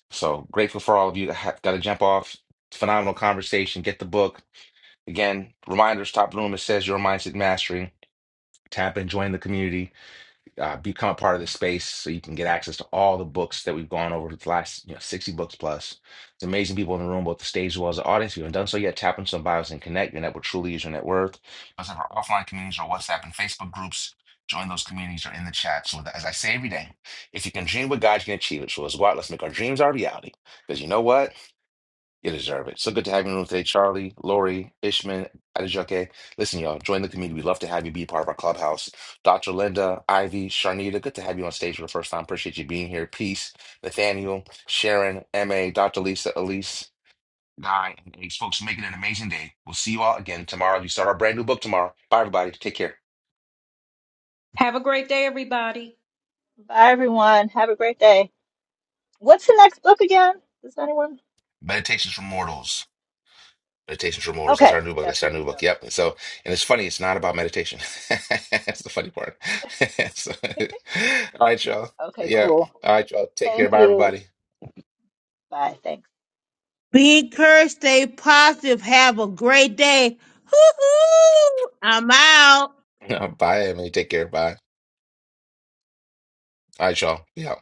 [SPEAKER 1] So grateful for all of you that have got to jump off. Phenomenal conversation. Get the book again. Reminders top room. It says your mindset mastery. Tap and join the community uh, become a part of the space so you can get access to all the books that we've gone over the last you know 60 books plus. It's amazing people in the room, both the stage as well as the audience. If you haven't done so yet, tap into some bios and connect. Your network truly is your net worth. Plus, in our offline communities, our WhatsApp and Facebook groups. Join those communities or in the chat. So, as I say every day, if you can dream what God you can achieve it. So, let's go out. Let's make our dreams our reality. Because you know what? You deserve it. So good to have you in the room today, Charlie, Lori, Ishman, Adejoke. Listen, y'all, join the community. We'd love to have you be part of our clubhouse. Dr. Linda, Ivy, Sharnita, good to have you on stage for the first time. Appreciate you being here. Peace, Nathaniel, Sharon, MA, Dr. Lisa, Elise, Guy, and Ace. Folks, make it an amazing day. We'll see you all again tomorrow. We start our brand new book tomorrow. Bye, everybody. Take care.
[SPEAKER 6] Have a great day, everybody.
[SPEAKER 10] Bye everyone. Have a great day. What's the next book again? Does anyone?
[SPEAKER 1] Meditations for Mortals. Meditations for Mortals. That's
[SPEAKER 10] Okay,
[SPEAKER 1] our new book.
[SPEAKER 10] that's
[SPEAKER 1] That's our
[SPEAKER 10] what we
[SPEAKER 1] new book.
[SPEAKER 10] covered.
[SPEAKER 1] Yep. so, and it's funny. It's not about meditation. That's the funny part. So, all right, y'all.
[SPEAKER 10] Okay,
[SPEAKER 1] Yeah.
[SPEAKER 10] cool.
[SPEAKER 1] All right, y'all. Take care.
[SPEAKER 10] Thank
[SPEAKER 1] Bye,
[SPEAKER 10] you.
[SPEAKER 1] everybody.
[SPEAKER 10] Bye. Thanks.
[SPEAKER 2] Be encouraged, stay positive, have a great day. Hoo-hoo! I'm out.
[SPEAKER 1] Bye, Emily. Take care. Bye. All right, y'all. Yeah.